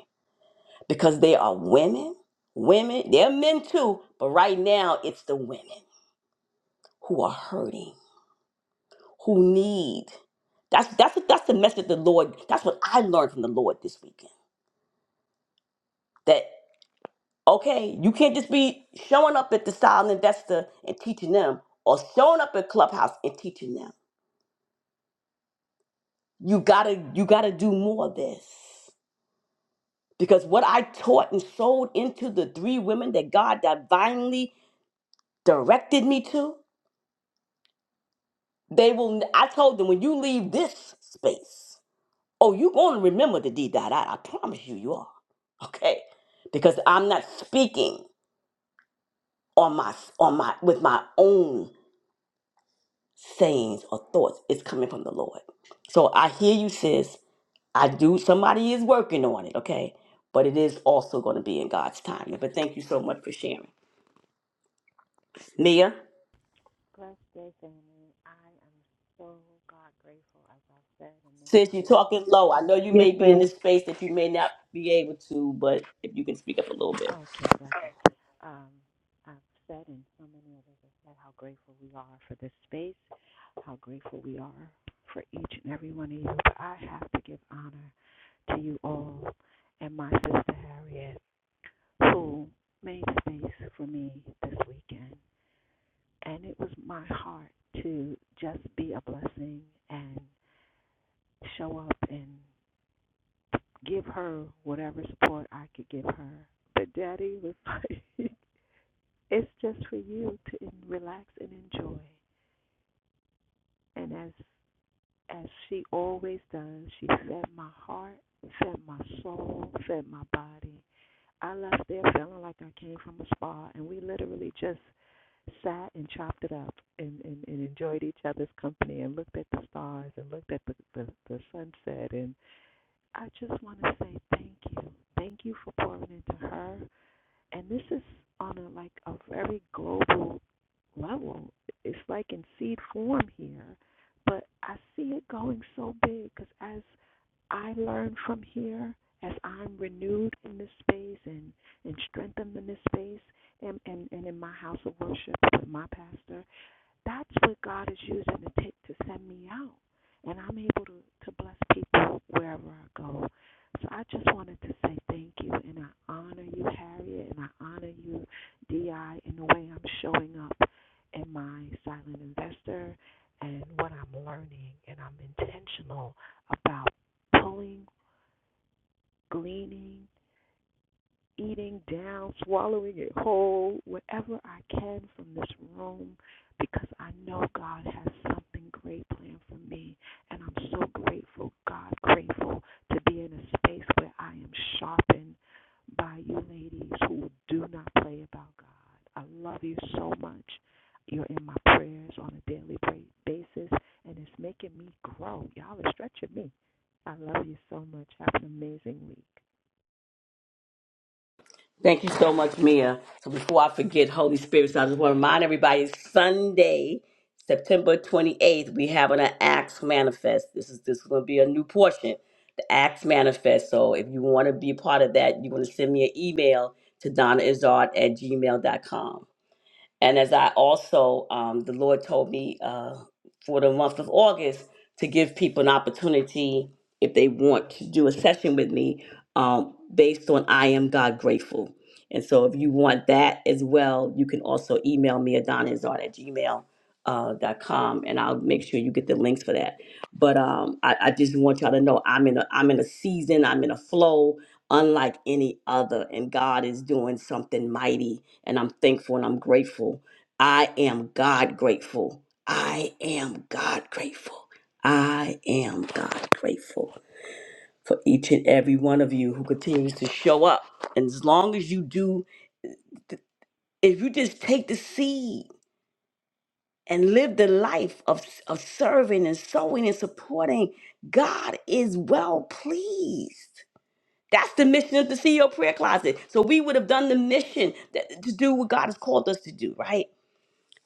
Speaker 1: because they are women. Women, they're men too, but right now it's the women who are hurting, who need. That's that's that's the message the Lord. That's what I learned from the Lord this weekend. That okay, you can't just be showing up at the silent investor and teaching them, or showing up at clubhouse and teaching them. You gotta you gotta do more of this because what I taught and sold into the three women that God divinely directed me to They will. I told them when you leave this space, oh, you're going to remember the D dot I. I promise you, you are. Okay, because I'm not speaking on my on my with my own sayings or thoughts. It's coming from the Lord. So I hear you, sis. I do. Somebody is working on it. Okay, but it is also going to be in God's timing. But thank you so much for sharing, Mia.
Speaker 9: Blessed day, family. I am so God grateful, as I've said in many
Speaker 1: Sis, you're
Speaker 9: others.
Speaker 1: talking low. I know you
Speaker 8: Yes,
Speaker 1: may be
Speaker 8: ma'am.
Speaker 1: in this space that you may not be able to, but if you can speak up a little bit.
Speaker 9: Have, Okay, blessing. Um, I've said, and so many others have said, how grateful we are for this space, how grateful we are for each and every one of you. But I have to give honor to you all and my sister Harriet, who made space for me this weekend. And it was my heart to just be a blessing and show up and give her whatever support I could give her. But Daddy was like, [laughs] it's just for you to relax and enjoy. And as as she always does, she fed my heart, fed my soul, fed my body. I left there feeling like I came from a spa, and we literally just sat and chopped it up and, and, and enjoyed each other's company and looked at the stars and looked at the, the, the sunset. And I just want to say thank you. Thank you for pouring into her. and this is on a like a very global level. It's like in seed form here, but I see it going so big because as I learn from here, as I'm renewed in this space and and strengthened in this space, and and, and in my house of worship with my pastor, that's what God is using to take to send me out. And I'm able to, to bless people wherever I go. So I just wanted to say thank you and I honor you, Harriet, and I honor you, DI, in the way I'm showing up in my silent investor and what I'm learning and I'm intentional about pulling, gleaning, eating down, swallowing it whole, whatever I can from this room, because I know God has something great planned for me. And I'm so grateful, God, grateful to be in a space where I am sharpened by you ladies who do not play about God. I love you so much. You're in my prayers on a daily basis, and it's making me grow. Y'all are stretching me. I love you so much. Have an amazing week.
Speaker 1: Thank you so much, Mia. So before I forget, Holy Spirit, so I just want to remind everybody Sunday, September 28th, we have an Acts Manifest. This is this is going to be a new portion, the Acts Manifest. So if you want to be a part of that, you want to send me an email to donnaizard at gmail dot com. And as I also, um, the Lord told me uh, for the month of August to give people an opportunity if they want to do a session with me um, based on I am God grateful. And so if you want that as well, you can also email me at donizard at gmail. Uh, dot com and I'll make sure you get the links for that. But um, I, I just want y'all to know I'm in a I'm in a season I'm in a flow unlike any other, and God is doing something mighty and I'm thankful and I'm grateful. I am God grateful. I am God grateful. I am God grateful for each and every one of you who continues to show up. And as long as you do, if you just take the seed and live the life of, of serving and sowing and supporting, God is well pleased. That's the mission of the CEO prayer closet. So we would have done the mission that, to do what God has called us to do, right?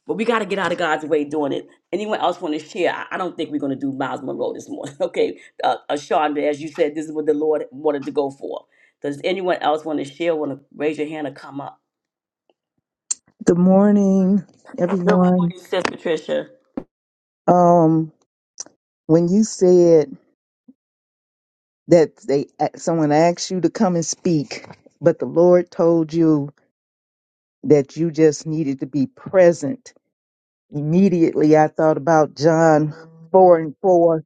Speaker 1: But we got to get out of God's way doing it. Anyone else want to share? I I don't think we're going to do Miles Monroe this morning. [laughs] Okay, uh, uh, Shonda, as you said, this is what the Lord wanted to go for. Does anyone else want to share? Want to raise your hand or come up?
Speaker 10: Good morning,
Speaker 1: Good
Speaker 10: everyone.
Speaker 1: morning, Sis Patricia.
Speaker 10: Um, when you said that they someone asked you to come and speak, but the Lord told you that you just needed to be present. Immediately, I thought about John four and four,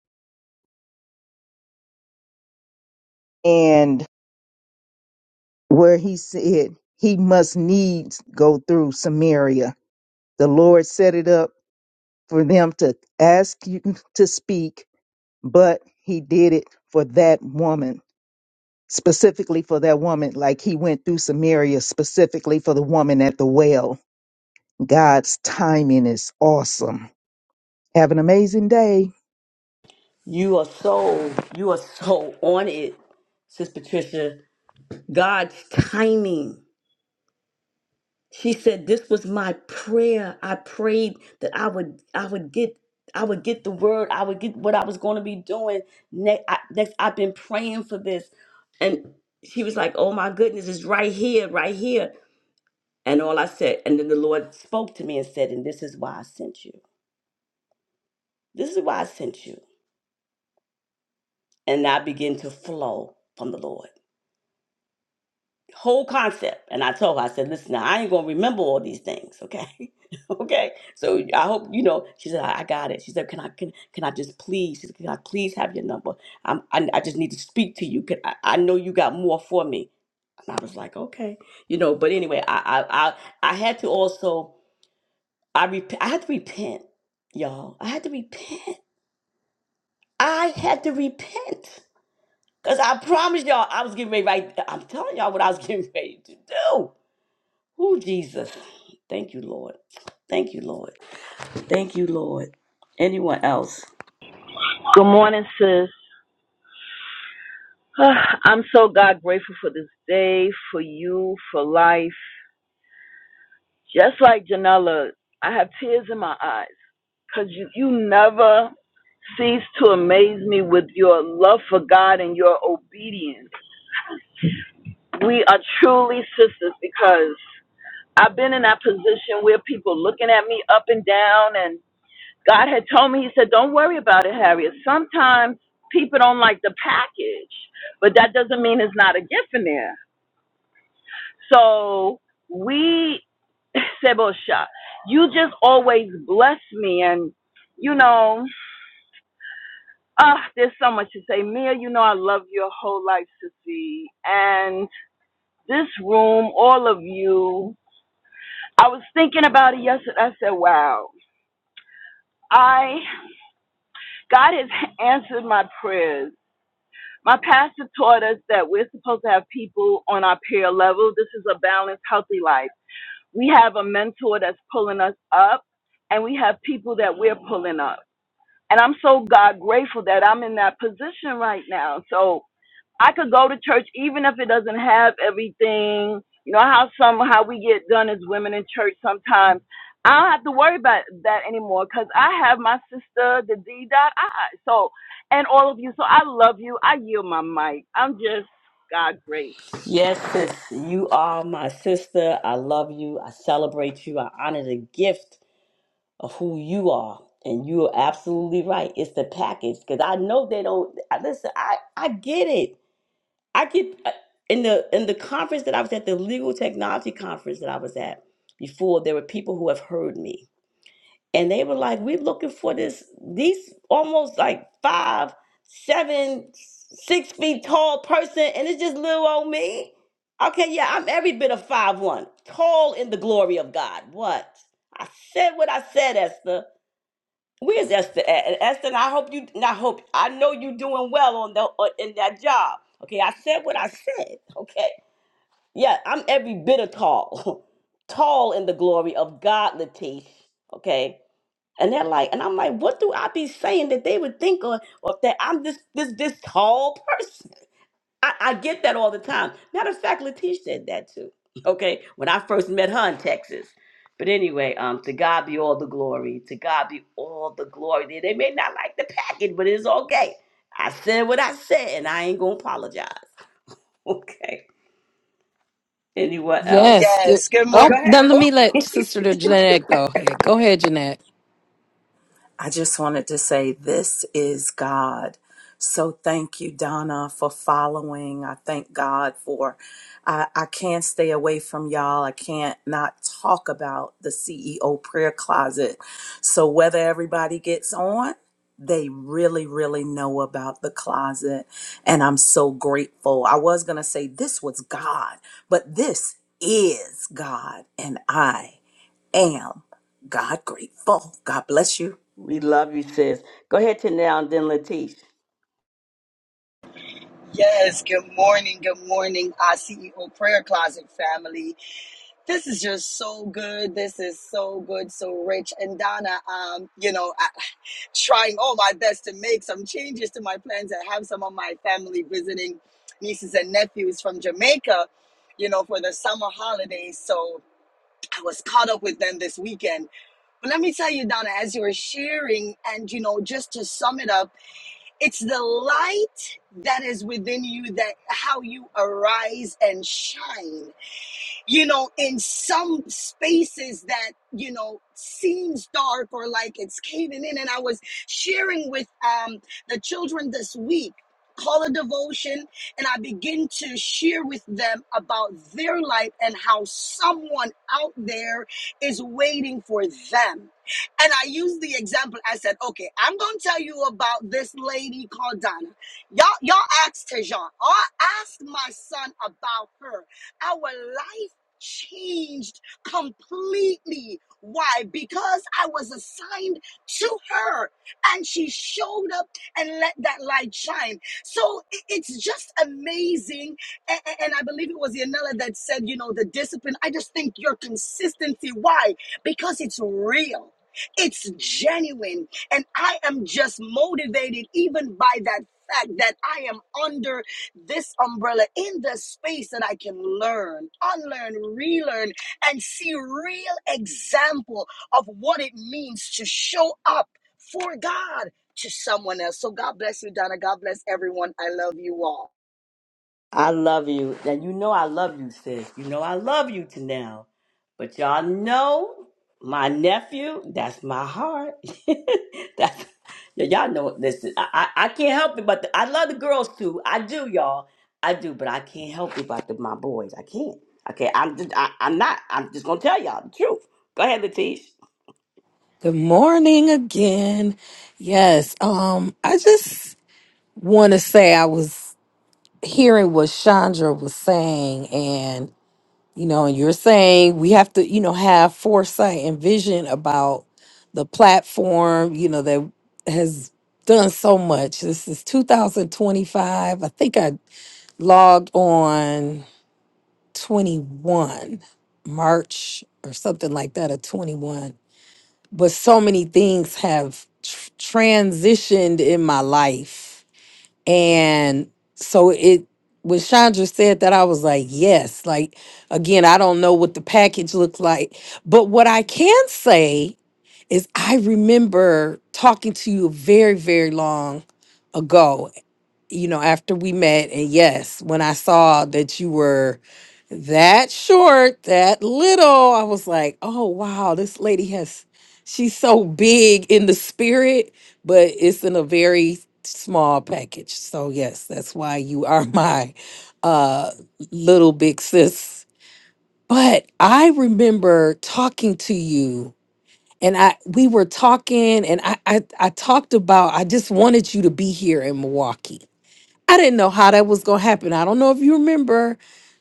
Speaker 10: and where he said he must needs go through Samaria. The Lord set it up for them to ask you to speak, but He did it for that woman specifically for that woman, like he went through Samaria specifically for the woman at the well. God's timing is awesome. Have an amazing day.
Speaker 1: You are so you are so on it, Sis Patricia. God's timing. she said this was my prayer i prayed that i would i would get i would get the word i would get what i was going to be doing next, I, next i've been praying for this and she was like oh my goodness it's right here right here and all i said and then the lord spoke to me and said and this is why i sent you this is why i sent you and i began to flow from the lord whole concept. And I told her, I said, listen, now, I ain't gonna remember all these things, okay? [laughs] okay. So I hope you know. She said, I, I got it. She said, can I can can I just please? She said, can I please have your number? I'm, I I just need to speak to you. Can, I, I know you got more for me. And I was like, okay, you know. But anyway, I I I, I had to also I rep- I had to repent, y'all. I had to repent. I had to repent. Cause I promised y'all I was getting ready. Right, I'm telling y'all what I was [laughs] getting ready to do. Oh, Jesus. Thank you, Lord. Thank you, Lord. Thank you, Lord. Anyone else?
Speaker 11: Good morning, sis. [sighs] Ah, I'm so God grateful for this day, for you, for life. Just like Janella, I have tears in my eyes because you, you never cease to amaze me with your love for God and your obedience. We are truly sisters because I've been in that position where people looking at me up and down, and God had told me, He said, Don't worry about it, Harriet. Sometimes people don't like the package, but that doesn't mean it's not a gift in there. So we, [laughs] Sebosha, you just always bless me. And, you know, ah, there's so much to say. Mia, you know, I love your whole life, Sissy. And this room, all of you, I was thinking about it yesterday. I said, wow, I, God has answered my prayers. My pastor taught us that we're supposed to have people on our peer level. This is a balanced, healthy life. We have a mentor that's pulling us up, and we have people that we're pulling up. And I'm so God grateful that I'm in that position right now. So I could go to church even if it doesn't have everything. You know how some how we get done as women in church sometimes. I don't have to worry about that anymore because I have my sister, the D dot I. So and all of you. So I love you. I yield my mic. I'm just God grateful.
Speaker 1: Yes, sis. You are my sister. I love you. I celebrate you. I honor the gift of who you are. And you are absolutely right. It's the package. Because I know they don't I- listen, I, I get it. I get uh, in the in the conference that I was at, the legal technology conference that I was at before, there were people who have heard me and they were like, "We're looking for this these almost like five, seven, six feet tall person, and it's just little old me." Okay, yeah, I'm every bit of five one, tall in the glory of God. What I said, what I said, Esther. Where's Esther at? And Esther, I hope you, and I hope I know you are doing well on the on- in that job. Okay, I said what I said. Okay, yeah, I'm every bit of tall, [laughs] tall in the glory of God, Latish. Okay, and they're like, and I'm like, what do I be saying that they would think or, or that I'm this this this tall person? I, I get that all the time. Matter of fact, Letitia said that too. [laughs] Okay, when I first met her in Texas. But anyway, um, to God be all the glory. To God be all the glory. They they may not like the package, but it's okay. I said what I said, and I ain't gonna apologize. [laughs] Okay. Anyone
Speaker 2: Yes.
Speaker 1: else?
Speaker 2: th-
Speaker 12: Yes, good
Speaker 1: Go
Speaker 2: Oh,
Speaker 12: morning.
Speaker 1: ahead.
Speaker 2: now let
Speaker 12: Oh,
Speaker 2: me
Speaker 1: Letitia.
Speaker 2: let Sister Jeanette go ahead. Go ahead, Jeanette.
Speaker 13: I just wanted to say this is God. So thank you, Donna, for following. I thank God for. I, I can't stay away from y'all. I can't not talk about the CEO prayer closet. So whether everybody gets on, they really, really know about the closet. And I'm so grateful. I was going to say this was God, but this is God. And I am God grateful. God bless you.
Speaker 1: We love you, sis. Go ahead to now and then Letitia.
Speaker 12: yes, good morning. Good morning, our CEO Prayer Closet family. This is just so good. This is so good, so rich. And Donna, um, you know, I, trying all my best to make some changes to my plans. I have some of my family visiting nieces and nephews from Jamaica, you know, for the summer holidays. So I was caught up with them this weekend. But let me tell you, Donna, as you were sharing, and, you know, just to sum it up, It's the light that is within you that how you arise and shine you know, in some spaces that, you know, seems dark or like it's caving in. And I was sharing with um, the children this week, call a devotion, and I begin to share with them about their life and how someone out there is waiting for them. And I used the example. I said, okay, I'm going to tell you about this lady called Donna. Y'all, y'all asked Tejan. I asked my son about her our life changed completely. Why? Because I was assigned to her and she showed up and let that light shine. So i- it's just amazing. A- a- And, I believe it was Yanela that said, you know, the discipline. I just think your consistency. Why? Because it's real. It's genuine. And I am just motivated even by that fact that I am under this umbrella in the space that I can learn, unlearn, relearn, and see real example of what it means to show up for God to someone else. So God bless you, Donna. God bless everyone. I love you all.
Speaker 1: I love you. Now you know I love you, sis. You know I love you to now. But y'all know my nephew, that's my heart. [laughs] that's y- y'all know listen, I, I, I can't help it, but the, I love the girls too. I do, y'all. I do, but I can't help it about the, my boys. I can't. Okay, I'm just I, I'm not. I'm just gonna tell y'all the truth. Go ahead, Latish.
Speaker 2: Good morning again. Yes, um, I just want to say I was hearing what Chandra was saying, you know and you're saying we have to you know have foresight and vision about the platform you know that has done so much this is 2025 i think i logged on 21 march or something like that of 21 but so many things have tr- transitioned in my life and so it when Chandra said that, I was like, yes. Like again, I don't know what the package looked like. But what I can say is I remember talking to you very, very long ago you know, after we met, and yes, when I saw that you were that short, that little, I was like, oh, wow, this lady has, she's so big in the spirit, but it's in a very small package. So, yes, that's why you are [laughs] my uh, little big sis. But I remember talking to you. And I we were talking and I, I I talked about I just wanted you to be here in Milwaukee I didn't know how that was gonna happen. I don't know if you remember,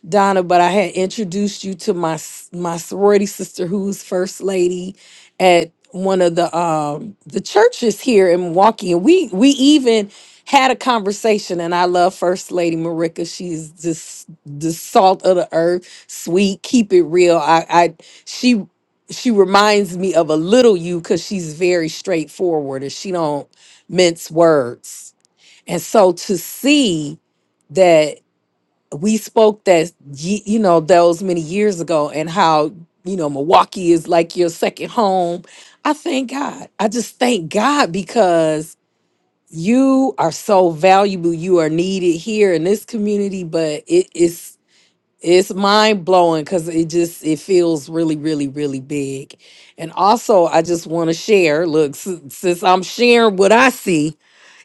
Speaker 2: Donna, but I had introduced you to my s- my sorority sister, who's first lady at one of the um the churches here in Milwaukee, and we we even had a conversation. And I love First Lady Marika. She's this the salt of the earth, sweet, keep it real. I I she she reminds me of a little you because she's very straightforward and she don't mince words and so to see that we spoke that ye- you know those many years ago and how you know Milwaukee is like your second home, I thank God. I just thank God because you are so valuable. You are needed here in this community, but it is it's mind blowing because it just it feels really really really big. And also, I just want to share. Look, s- since I'm sharing what I see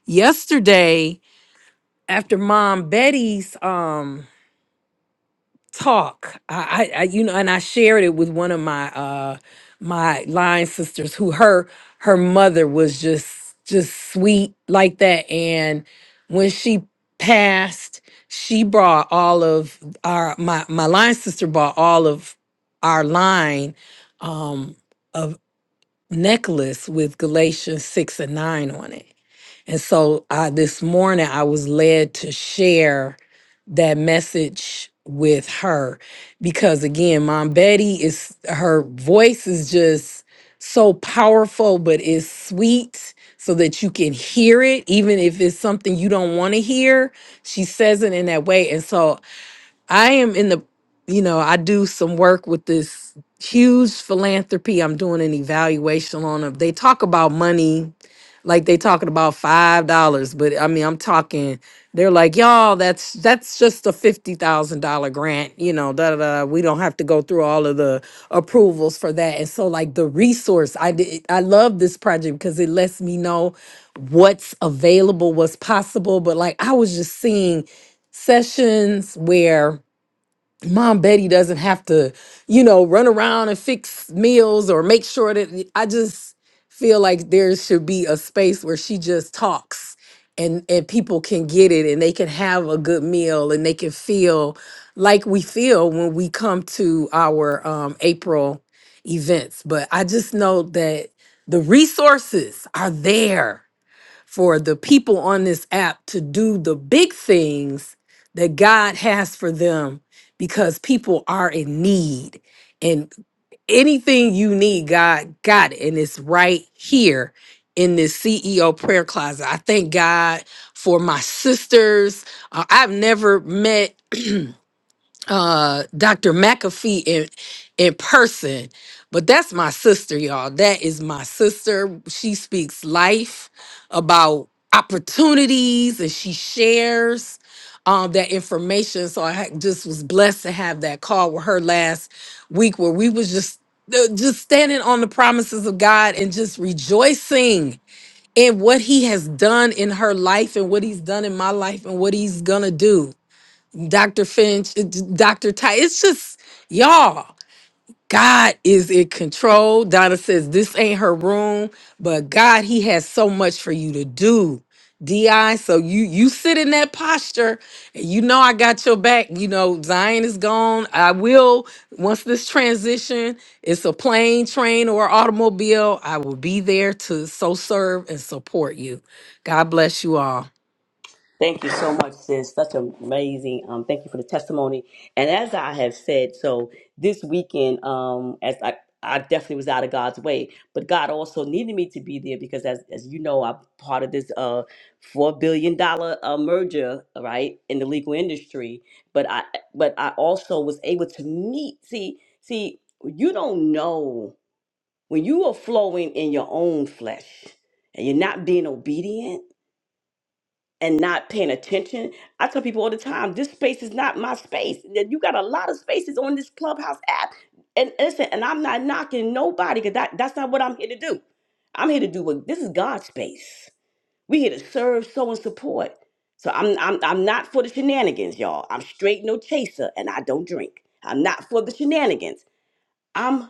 Speaker 2: yesterday after mom betty's um talk I, I i you know and i shared it with one of my uh my line sisters who her her mother was just just sweet like that and when she passed she brought all of our my my line sister brought all of our line um necklace with Galatians 6 and 9 on it. And so uh, this morning I was led to share that message with her because again, Mom Betty is her voice is just so powerful, but it's sweet so that you can hear it, even if it's something you don't want to hear. She says it in that way. And so I am in the, you know, I do some work with this huge philanthropy. I'm doing an evaluation on them. They talk about money like they talking about five dollars, but I mean I'm talking, they're like, y'all, that's that's just a fifty thousand dollar grant, you know, da da da. We don't have to go through all of the approvals for that. And so like the resource, I did I love this project because it lets me know what's available, what's possible. But like I was just seeing sessions where Mom Betty doesn't have to, you know, run around and fix meals or make sure that I just feel like there should be a space where she just talks and and people can get it and they can have a good meal and they can feel like we feel when we come to our um April events. But I just know that the resources are there for the people on this app to do the big things that God has for them because people are in need. And anything you need, God got it. And it's right here in this CEO prayer closet. I thank God for my sisters. Uh, I've never met uh Dr. McAfee in in person. But that's my sister, y'all. That is my sister. She speaks life about opportunities and she shares um that information. So I ha- just was blessed to have that call with her last week where we was just uh, just standing on the promises of God and just rejoicing in what he has done in her life and what he's done in my life and what he's going to do. Dr. Finch, it's Dr. Ty. It's just, y'all, God is in control. Donna says, This ain't her room, but God, He has so much for you to do. DI, so you you sit in that posture, and you know I got your back. You know Zion is gone. I will once this transition, it's a plane, train, or automobile. I will be there to so serve and support you. God bless you all.
Speaker 1: Thank you so much, sis. Such amazing. Um, thank you for the testimony. And as I have said, so this weekend, um, as I, I definitely was out of God's way, but God also needed me to be there because, as as you know, I'm part of this uh four billion dollar uh, merger, right, in the legal industry. But I, but I also was able to meet. See, see, you don't know when you are flowing in your own flesh and you're not being obedient and not paying attention. I tell people all the time, this space is not my space. That You got a lot of spaces on this Clubhouse app. And listen, and I'm not knocking nobody because that, that's not what I'm here to do. I'm here to do what this is God's space. We here to serve, sow, and support. So I'm I'm I'm not for the shenanigans, y'all. I'm straight no chaser and I don't drink. I'm not for the shenanigans. I'm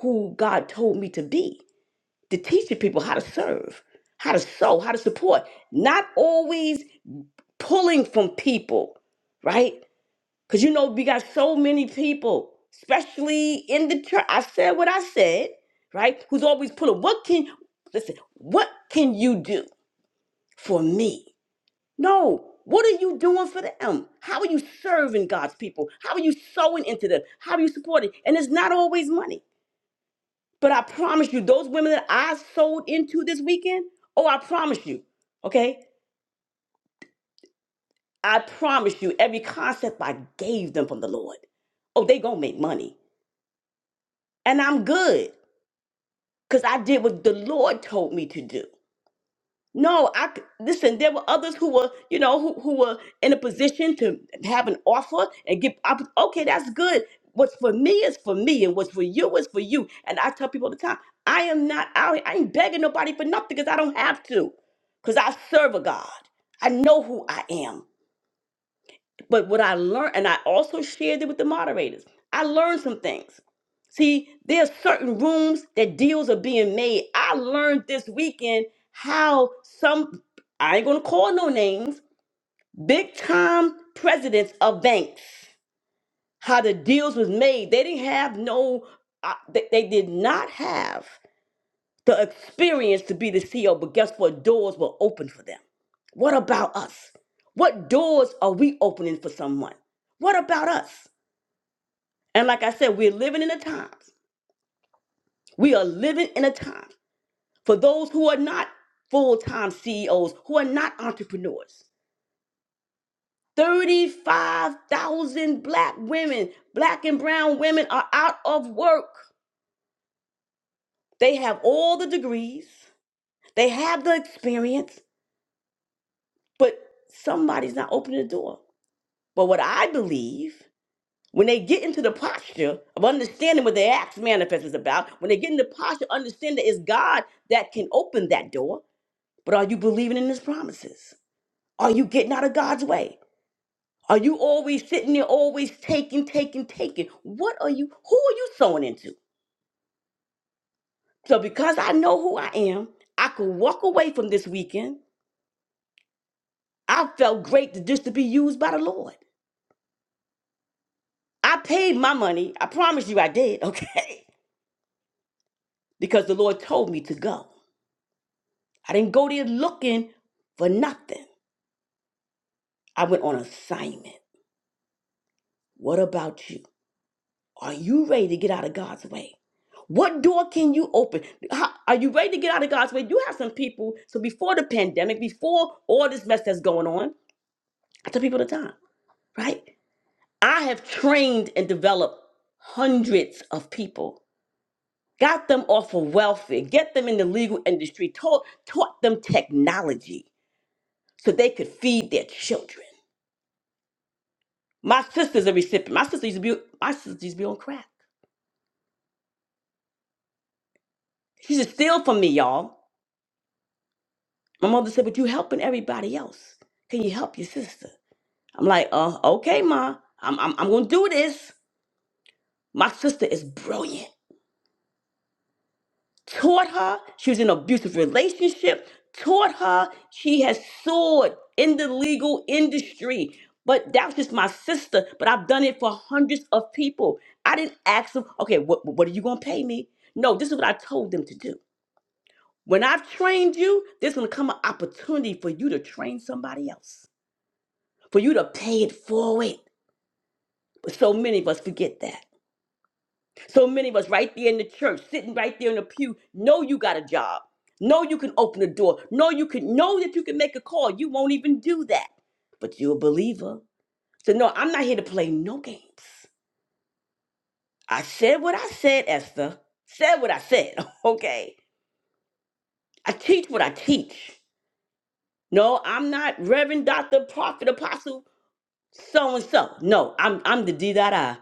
Speaker 1: who God told me to be, to teaching people how to serve, how to sow, how to support. Not always pulling from people, right? Because you know, we got so many people, especially in the church. I said what I said, right? Who's always pulling. What can, listen, what can you do for me? No. What are you doing for them? How are you serving God's people? How are you sowing into them? How are you supporting? And it's not always money. But I promise you, those women that I sold into this weekend, oh, I promise you, okay? I promise you, every concept I gave them from the Lord, oh, they gonna make money, and I'm good because I did what the Lord told me to do. No, I c- listen. There were others who were, you know, who, who were in a position to have an offer and get. opp- Okay, that's good. What's for me is for me, and what's for you is for you. And I tell people all the time, I am not out. here- I ain't begging nobody for nothing because I don't have to, because I serve a God. I know who I am. But what I learned, and I also shared it with the moderators, I learned some things. See, there's certain rooms that deals are being made. I learned this weekend how some, I ain't gonna call no names, big time presidents of banks, how the deals was made. They didn't have no, uh, they, they did not have the experience to be the CEO, but guess what? Doors were open for them. What about us? What doors are we opening for someone? What about us? And like I said, we're living in a time. We are living in a time for those who are not full time CEOs, who are not entrepreneurs. 35,000 black women, black and brown women are out of work. They have all the degrees, they have the experience, but somebody's not opening the door. But what I believe, when they get into the posture of understanding what their Acts manifest is about, when they get in the posture, understand that it's God that can open that door. But are you believing in his promises? Are you getting out of God's way? Are you always sitting there, always taking, taking, taking? What are you, who are you sowing into? So because I know who I am, I could walk away from this weekend. I felt great to just to be used by the Lord. I paid my money. I promise you I did, okay? [laughs] Because the Lord told me to go. I didn't go there looking for nothing. I went on assignment. What about you? Are you ready to get out of God's way? What door can you open? How- are you ready to get out of God's way? You have some people. So before the pandemic, before all this mess that's going on, I tell people all the time, right? I have trained and developed hundreds of people, got them off of welfare, get them in the legal industry, taught, taught them technology so they could feed their children. My sister's a recipient. My sister used to be my sister used to be on crack. She used to steal from me, y'all. My mother said, "But you helping everybody else. Can you help your sister?" I'm like, "Uh, okay, ma. I'm I'm, I'm gonna do this." My sister is brilliant. Taught her. She was in an abusive relationship. Taught her. She has soared in the legal industry. But that was just my sister. But I've done it for hundreds of people. I didn't ask them, okay, what, what are you going to pay me? No, this is what I told them to do. When I've trained you, there's going to come an opportunity for you to train somebody else, for you to pay it forward. But so many of us forget that. So many of us right there in the church, sitting right there in the pew, know you got a job, know you can open a door, know you can know that you can make a call. You won't even do that, but you're a believer. So no, I'm not here to play no games. I said what I said, Esther. Said what I said. [laughs] Okay, I teach what I teach. No, I'm not Reverend Doctor Prophet Apostle so and so. No, I'm I'm the D dot I,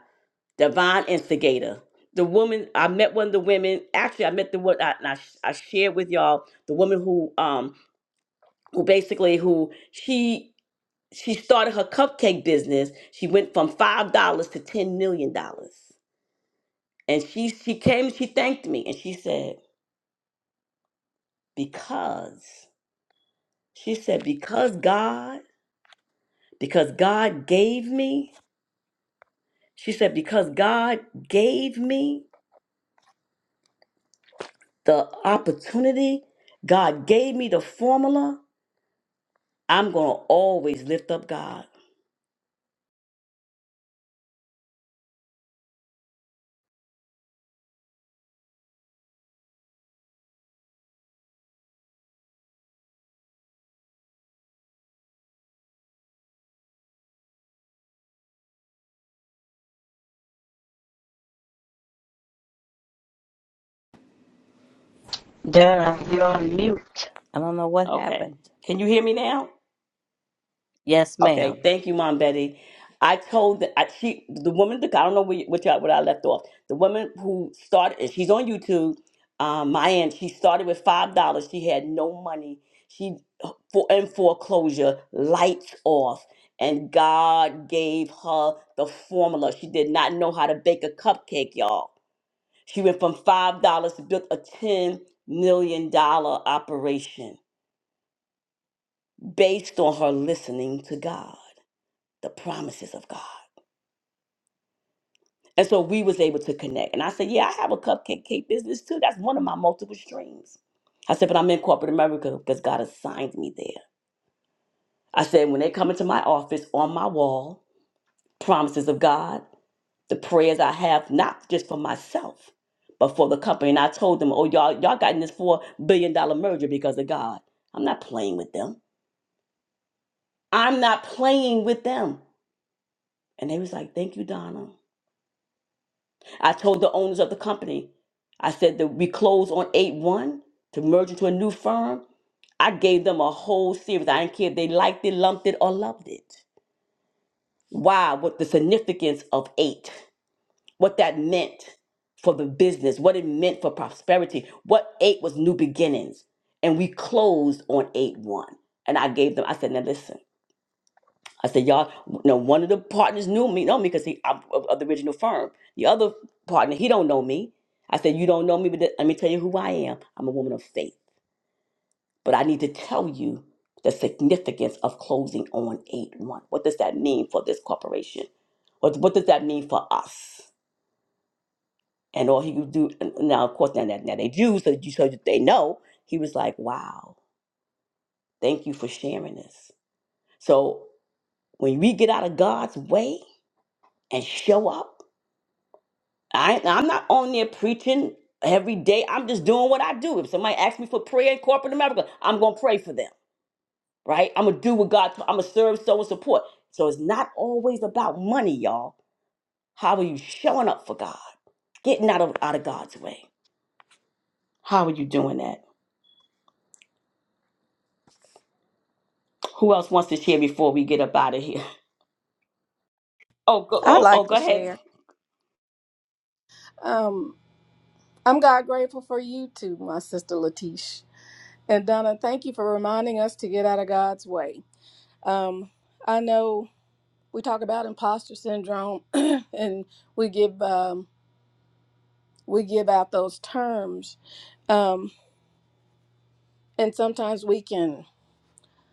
Speaker 1: divine instigator. The woman I met one of the women. Actually, I met the one I, I I shared with y'all the woman who um who basically who she she started her cupcake business. She went from five dollars to ten million dollars, and she she came and she thanked me and she said because she said because God because God gave me. She said because God gave me. the opportunity. God gave me the formula. I'm going to always lift up God.
Speaker 14: Dara, you're on mute. I don't know what
Speaker 1: Okay.
Speaker 14: happened.
Speaker 1: Can you hear me now?
Speaker 14: Yes,
Speaker 1: Okay.
Speaker 14: ma'am.
Speaker 1: Thank you, Mom Betty. I told the, I, she, the woman, the, I don't know where, you- which, I- what I left off. The woman who started, and she's on YouTube, um, my aunt, she started with $5. She had no money. She, for, in foreclosure, lights off. And God gave her the formula. She did not know how to bake a cupcake, y'all She went from five dollars to built a ten million dollar operation based on her listening to God, the promises of God. And so we was able to connect. And I said, Yeah, I have a cupcake cake business too. That's one of my multiple streams. I said, but I'm in corporate America because God assigned me there. I said, when they come into my office on my wall, promises of God. the prayers I have, not just for myself, but for the company. And I told them, oh, y'all, y'all got in this $4 billion dollar merger because of God. I'm not playing with them. I'm not playing with them. And they was like, thank you, Donna. I told the owners of the company, I said that we closed on 8-1 to merge into a new firm. I gave them a whole series. I didn't care if they liked it, lumped it, or loved it. Why? What the significance of eight? what that meant for the business, what it meant for prosperity. What eight was new beginnings. And we closed on eight one. And I gave them, I said, now listen. I said, y'all, no, one of the partners knew me, know me because he I'm of, of the original firm. The other partner, he don't know me. I said, you don't know me, but th- let me tell you who I am. I'm a woman of faith. But I need to tell you the significance of closing on eight one. What does that mean for this corporation? What, what does that mean for us? and all he could do and now of course now that now they Jews so you so that they know he was like wow thank you for sharing this so when we get out of God's way and show up I I'm not on there preaching every day I'm just doing what I do if somebody asks me for prayer in corporate America I'm gonna pray for them right I'm gonna do what God I'm gonna serve sow, and support so it's not always about money y'all how are you showing up for God getting out of out of God's way how are you doing that Who else wants to share before we get up out of here? Oh, go,
Speaker 15: I'd
Speaker 1: oh, oh,
Speaker 15: like to
Speaker 1: go ahead.
Speaker 15: share. Um, I'm God grateful for you too, my sister Latish. And Donna, thank you for reminding us to get out of God's way. Um, I know we talk about imposter syndrome [clears throat] and we give um, we give out those terms. Um, and sometimes we can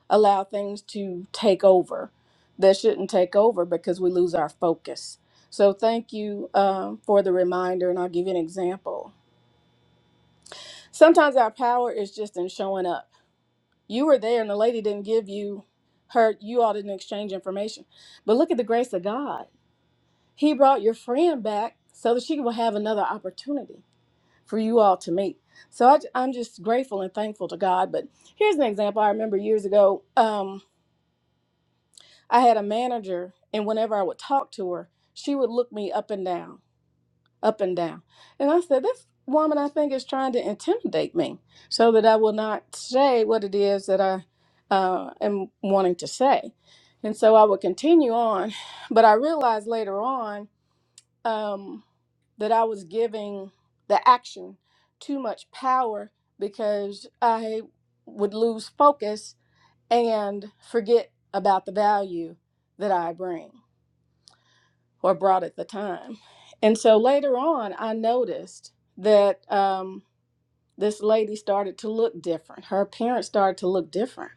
Speaker 15: allow things to take over that shouldn't take over because we lose our focus. So thank you um, for the reminder, and I'll give you an example. Sometimes our power is just in showing up. You were there and the lady didn't give you her, you all didn't exchange information. But look at the grace of God. He brought your friend back so that she will have another opportunity for you all to meet. So I, am just grateful and thankful to God. But here's an example I remember years ago. Um, I had a manager, and whenever I would talk to her, she would look me up and down. up and down. And I said, This woman, I think, is trying to intimidate me so that I will not say what it is that I uh, am wanting to say. And so I would continue on. But I realized later on um, that I was giving the action too much power because I would lose focus and forget about the value that I bring or brought at the time. And so later on, I noticed that um, this lady started to look different. Her appearance started to look different.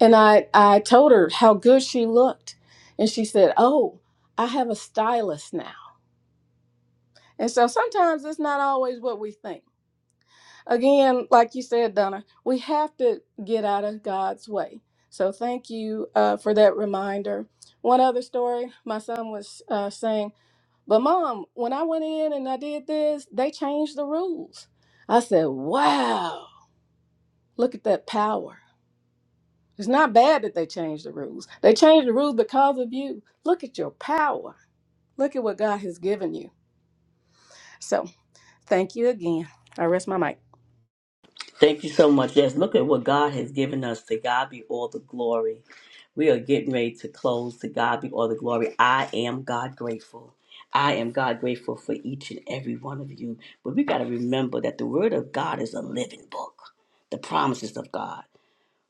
Speaker 15: And I, I told her how good she looked. And she said, Oh, I have a stylist now. And so sometimes it's not always what we think. Again, like you said, Donna, we have to get out of God's way. So thank you uh, for that reminder. One other story my son was uh, saying, But mom, when I went in and I did this, they changed the rules. I said, wow, look at that power. It's not bad that they changed the rules. They changed the rules because of you. Look at your power. Look at what God has given you. So thank you again. I rest my mic.
Speaker 1: Thank you so much. Yes, look at what God has given us. To God be all the glory. We are getting ready to close. To God be all the glory. I am God grateful. I am God grateful for each and every one of you. But we got to remember that the Word of God is a living book, the promises of God.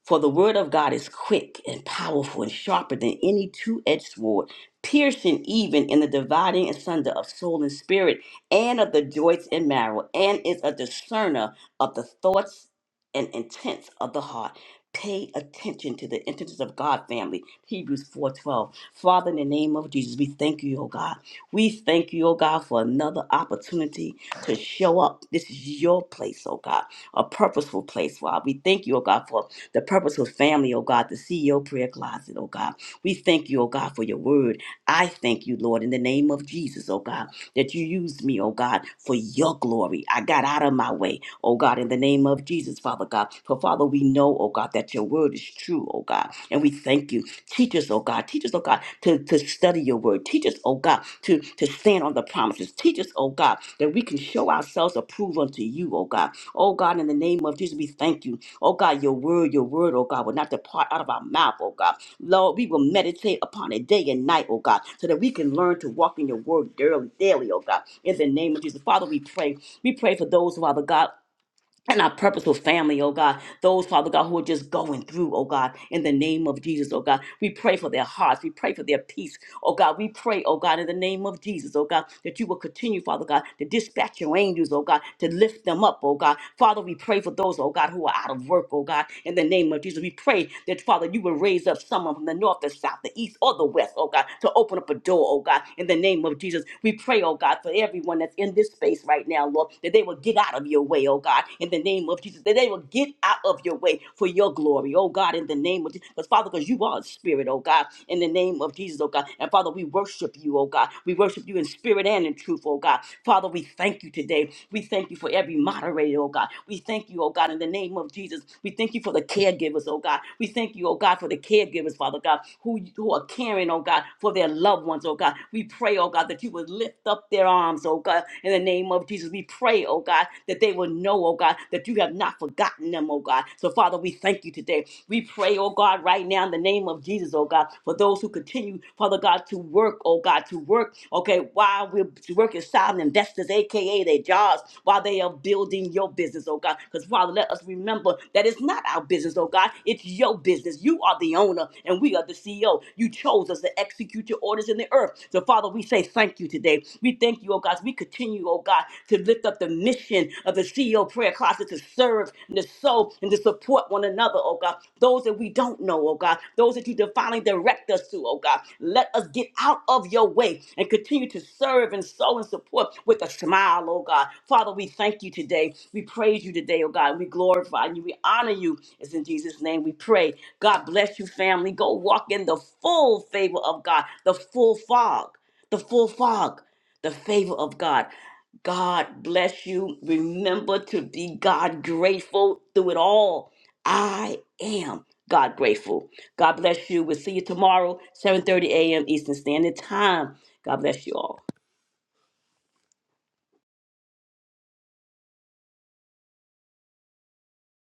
Speaker 1: For the word of God is quick and powerful and sharper than any two edged sword, piercing even in the dividing asunder of soul and spirit, and of the joints and marrow, and is a discerner of the thoughts and intents of the heart. Pay attention to the intentions of God, family. Hebrews 4:12. Father, in the name of Jesus, we thank you, oh God. We thank you, oh God, for another opportunity to show up. This is your place, oh God, a purposeful place, Father. We thank you, oh God, for the purposeful family, oh God, the CEO prayer closet, oh God. We thank you, oh God, for your word. I thank you, Lord, in the name of Jesus, oh God, that you used me, oh God, for your glory. I got out of my way, oh God, in the name of Jesus, Father God. For Father, we know, oh God, that your word is true, oh God. And we thank you. Teach us, oh God, teach us, oh God, to, to study your word. Teach us, oh God, to, to stand on the promises. Teach us, oh God, that we can show ourselves approved unto you, oh God. Oh God, in the name of Jesus, we thank you. Oh God, your word, your word, oh God, will not depart out of our mouth, oh God. Lord, we will meditate upon it day and night, oh God, so that we can learn to walk in your word daily, daily, oh God. In the name of Jesus. Father, we pray. We pray for those, Father God, and our purposeful family, oh God. Those, Father God, who are just going through, oh God, in the name of Jesus, oh God. We pray for their hearts. We pray for their peace, oh God. We pray, oh God, in the name of Jesus, oh God, that you will continue, Father God, to dispatch your angels, oh God, to lift them up, oh God. Father, we pray for those, oh God, who are out of work, oh God, in the name of Jesus. We pray that, Father, you will raise up someone from the north, the south, the east, or the west, oh God, to open up a door, oh God, in the name of Jesus. We pray, oh God, for everyone that's in this space right now, Lord, that they will get out of your way, oh God, in the name of Jesus. That they will get out of your way for your glory, oh God, in the name of Jesus. Because, Father, because you are a spirit, oh God, in the name of Jesus, oh God. And, Father, we worship you, oh God. We worship you in spirit and in truth, oh God. Father, we thank you today. We thank you for every moderator, oh God. We thank you, oh God, in the name of Jesus. We thank you for the caregivers, oh God. We thank you, oh God, for the caregivers, Father God, who, who are caring, oh God, for their loved ones, oh God. We pray, oh God, that you would lift up their arms, oh God, in the name of Jesus. We pray, oh God, that they will know, oh God, that you have not forgotten them, oh God. So, Father, we thank you today. We pray, oh God, right now in the name of Jesus, oh God, for those who continue, Father God, to work, oh God, to work, okay, while we're working silent investors, aka their jobs, while they are building your business, oh God. Because, Father, let us remember that it's not our business, oh God, it's your business. You are the owner, and we are the CEO. You chose us to execute your orders in the earth. So, Father, we say thank you today. We thank you, oh God. We continue, oh God, to lift up the mission of the CEO prayer closet to serve and to sow and to support one another, oh God. Those that we don't know, oh God. Those that you divinely direct us to, oh God. Let us get out of your way and continue to serve and sow and support with a smile, oh God. Father, we thank you today. We praise you today, oh God. We glorify you. We honor you. It's in Jesus' name we pray. God bless you, family. Go walk in the full favor of God, the full fog, the full fog the favor of God. God bless you. Remember to be God grateful through it all. I am God grateful. God bless you. We'll see you tomorrow, 7:30 a.m. Eastern Standard Time. God bless you all.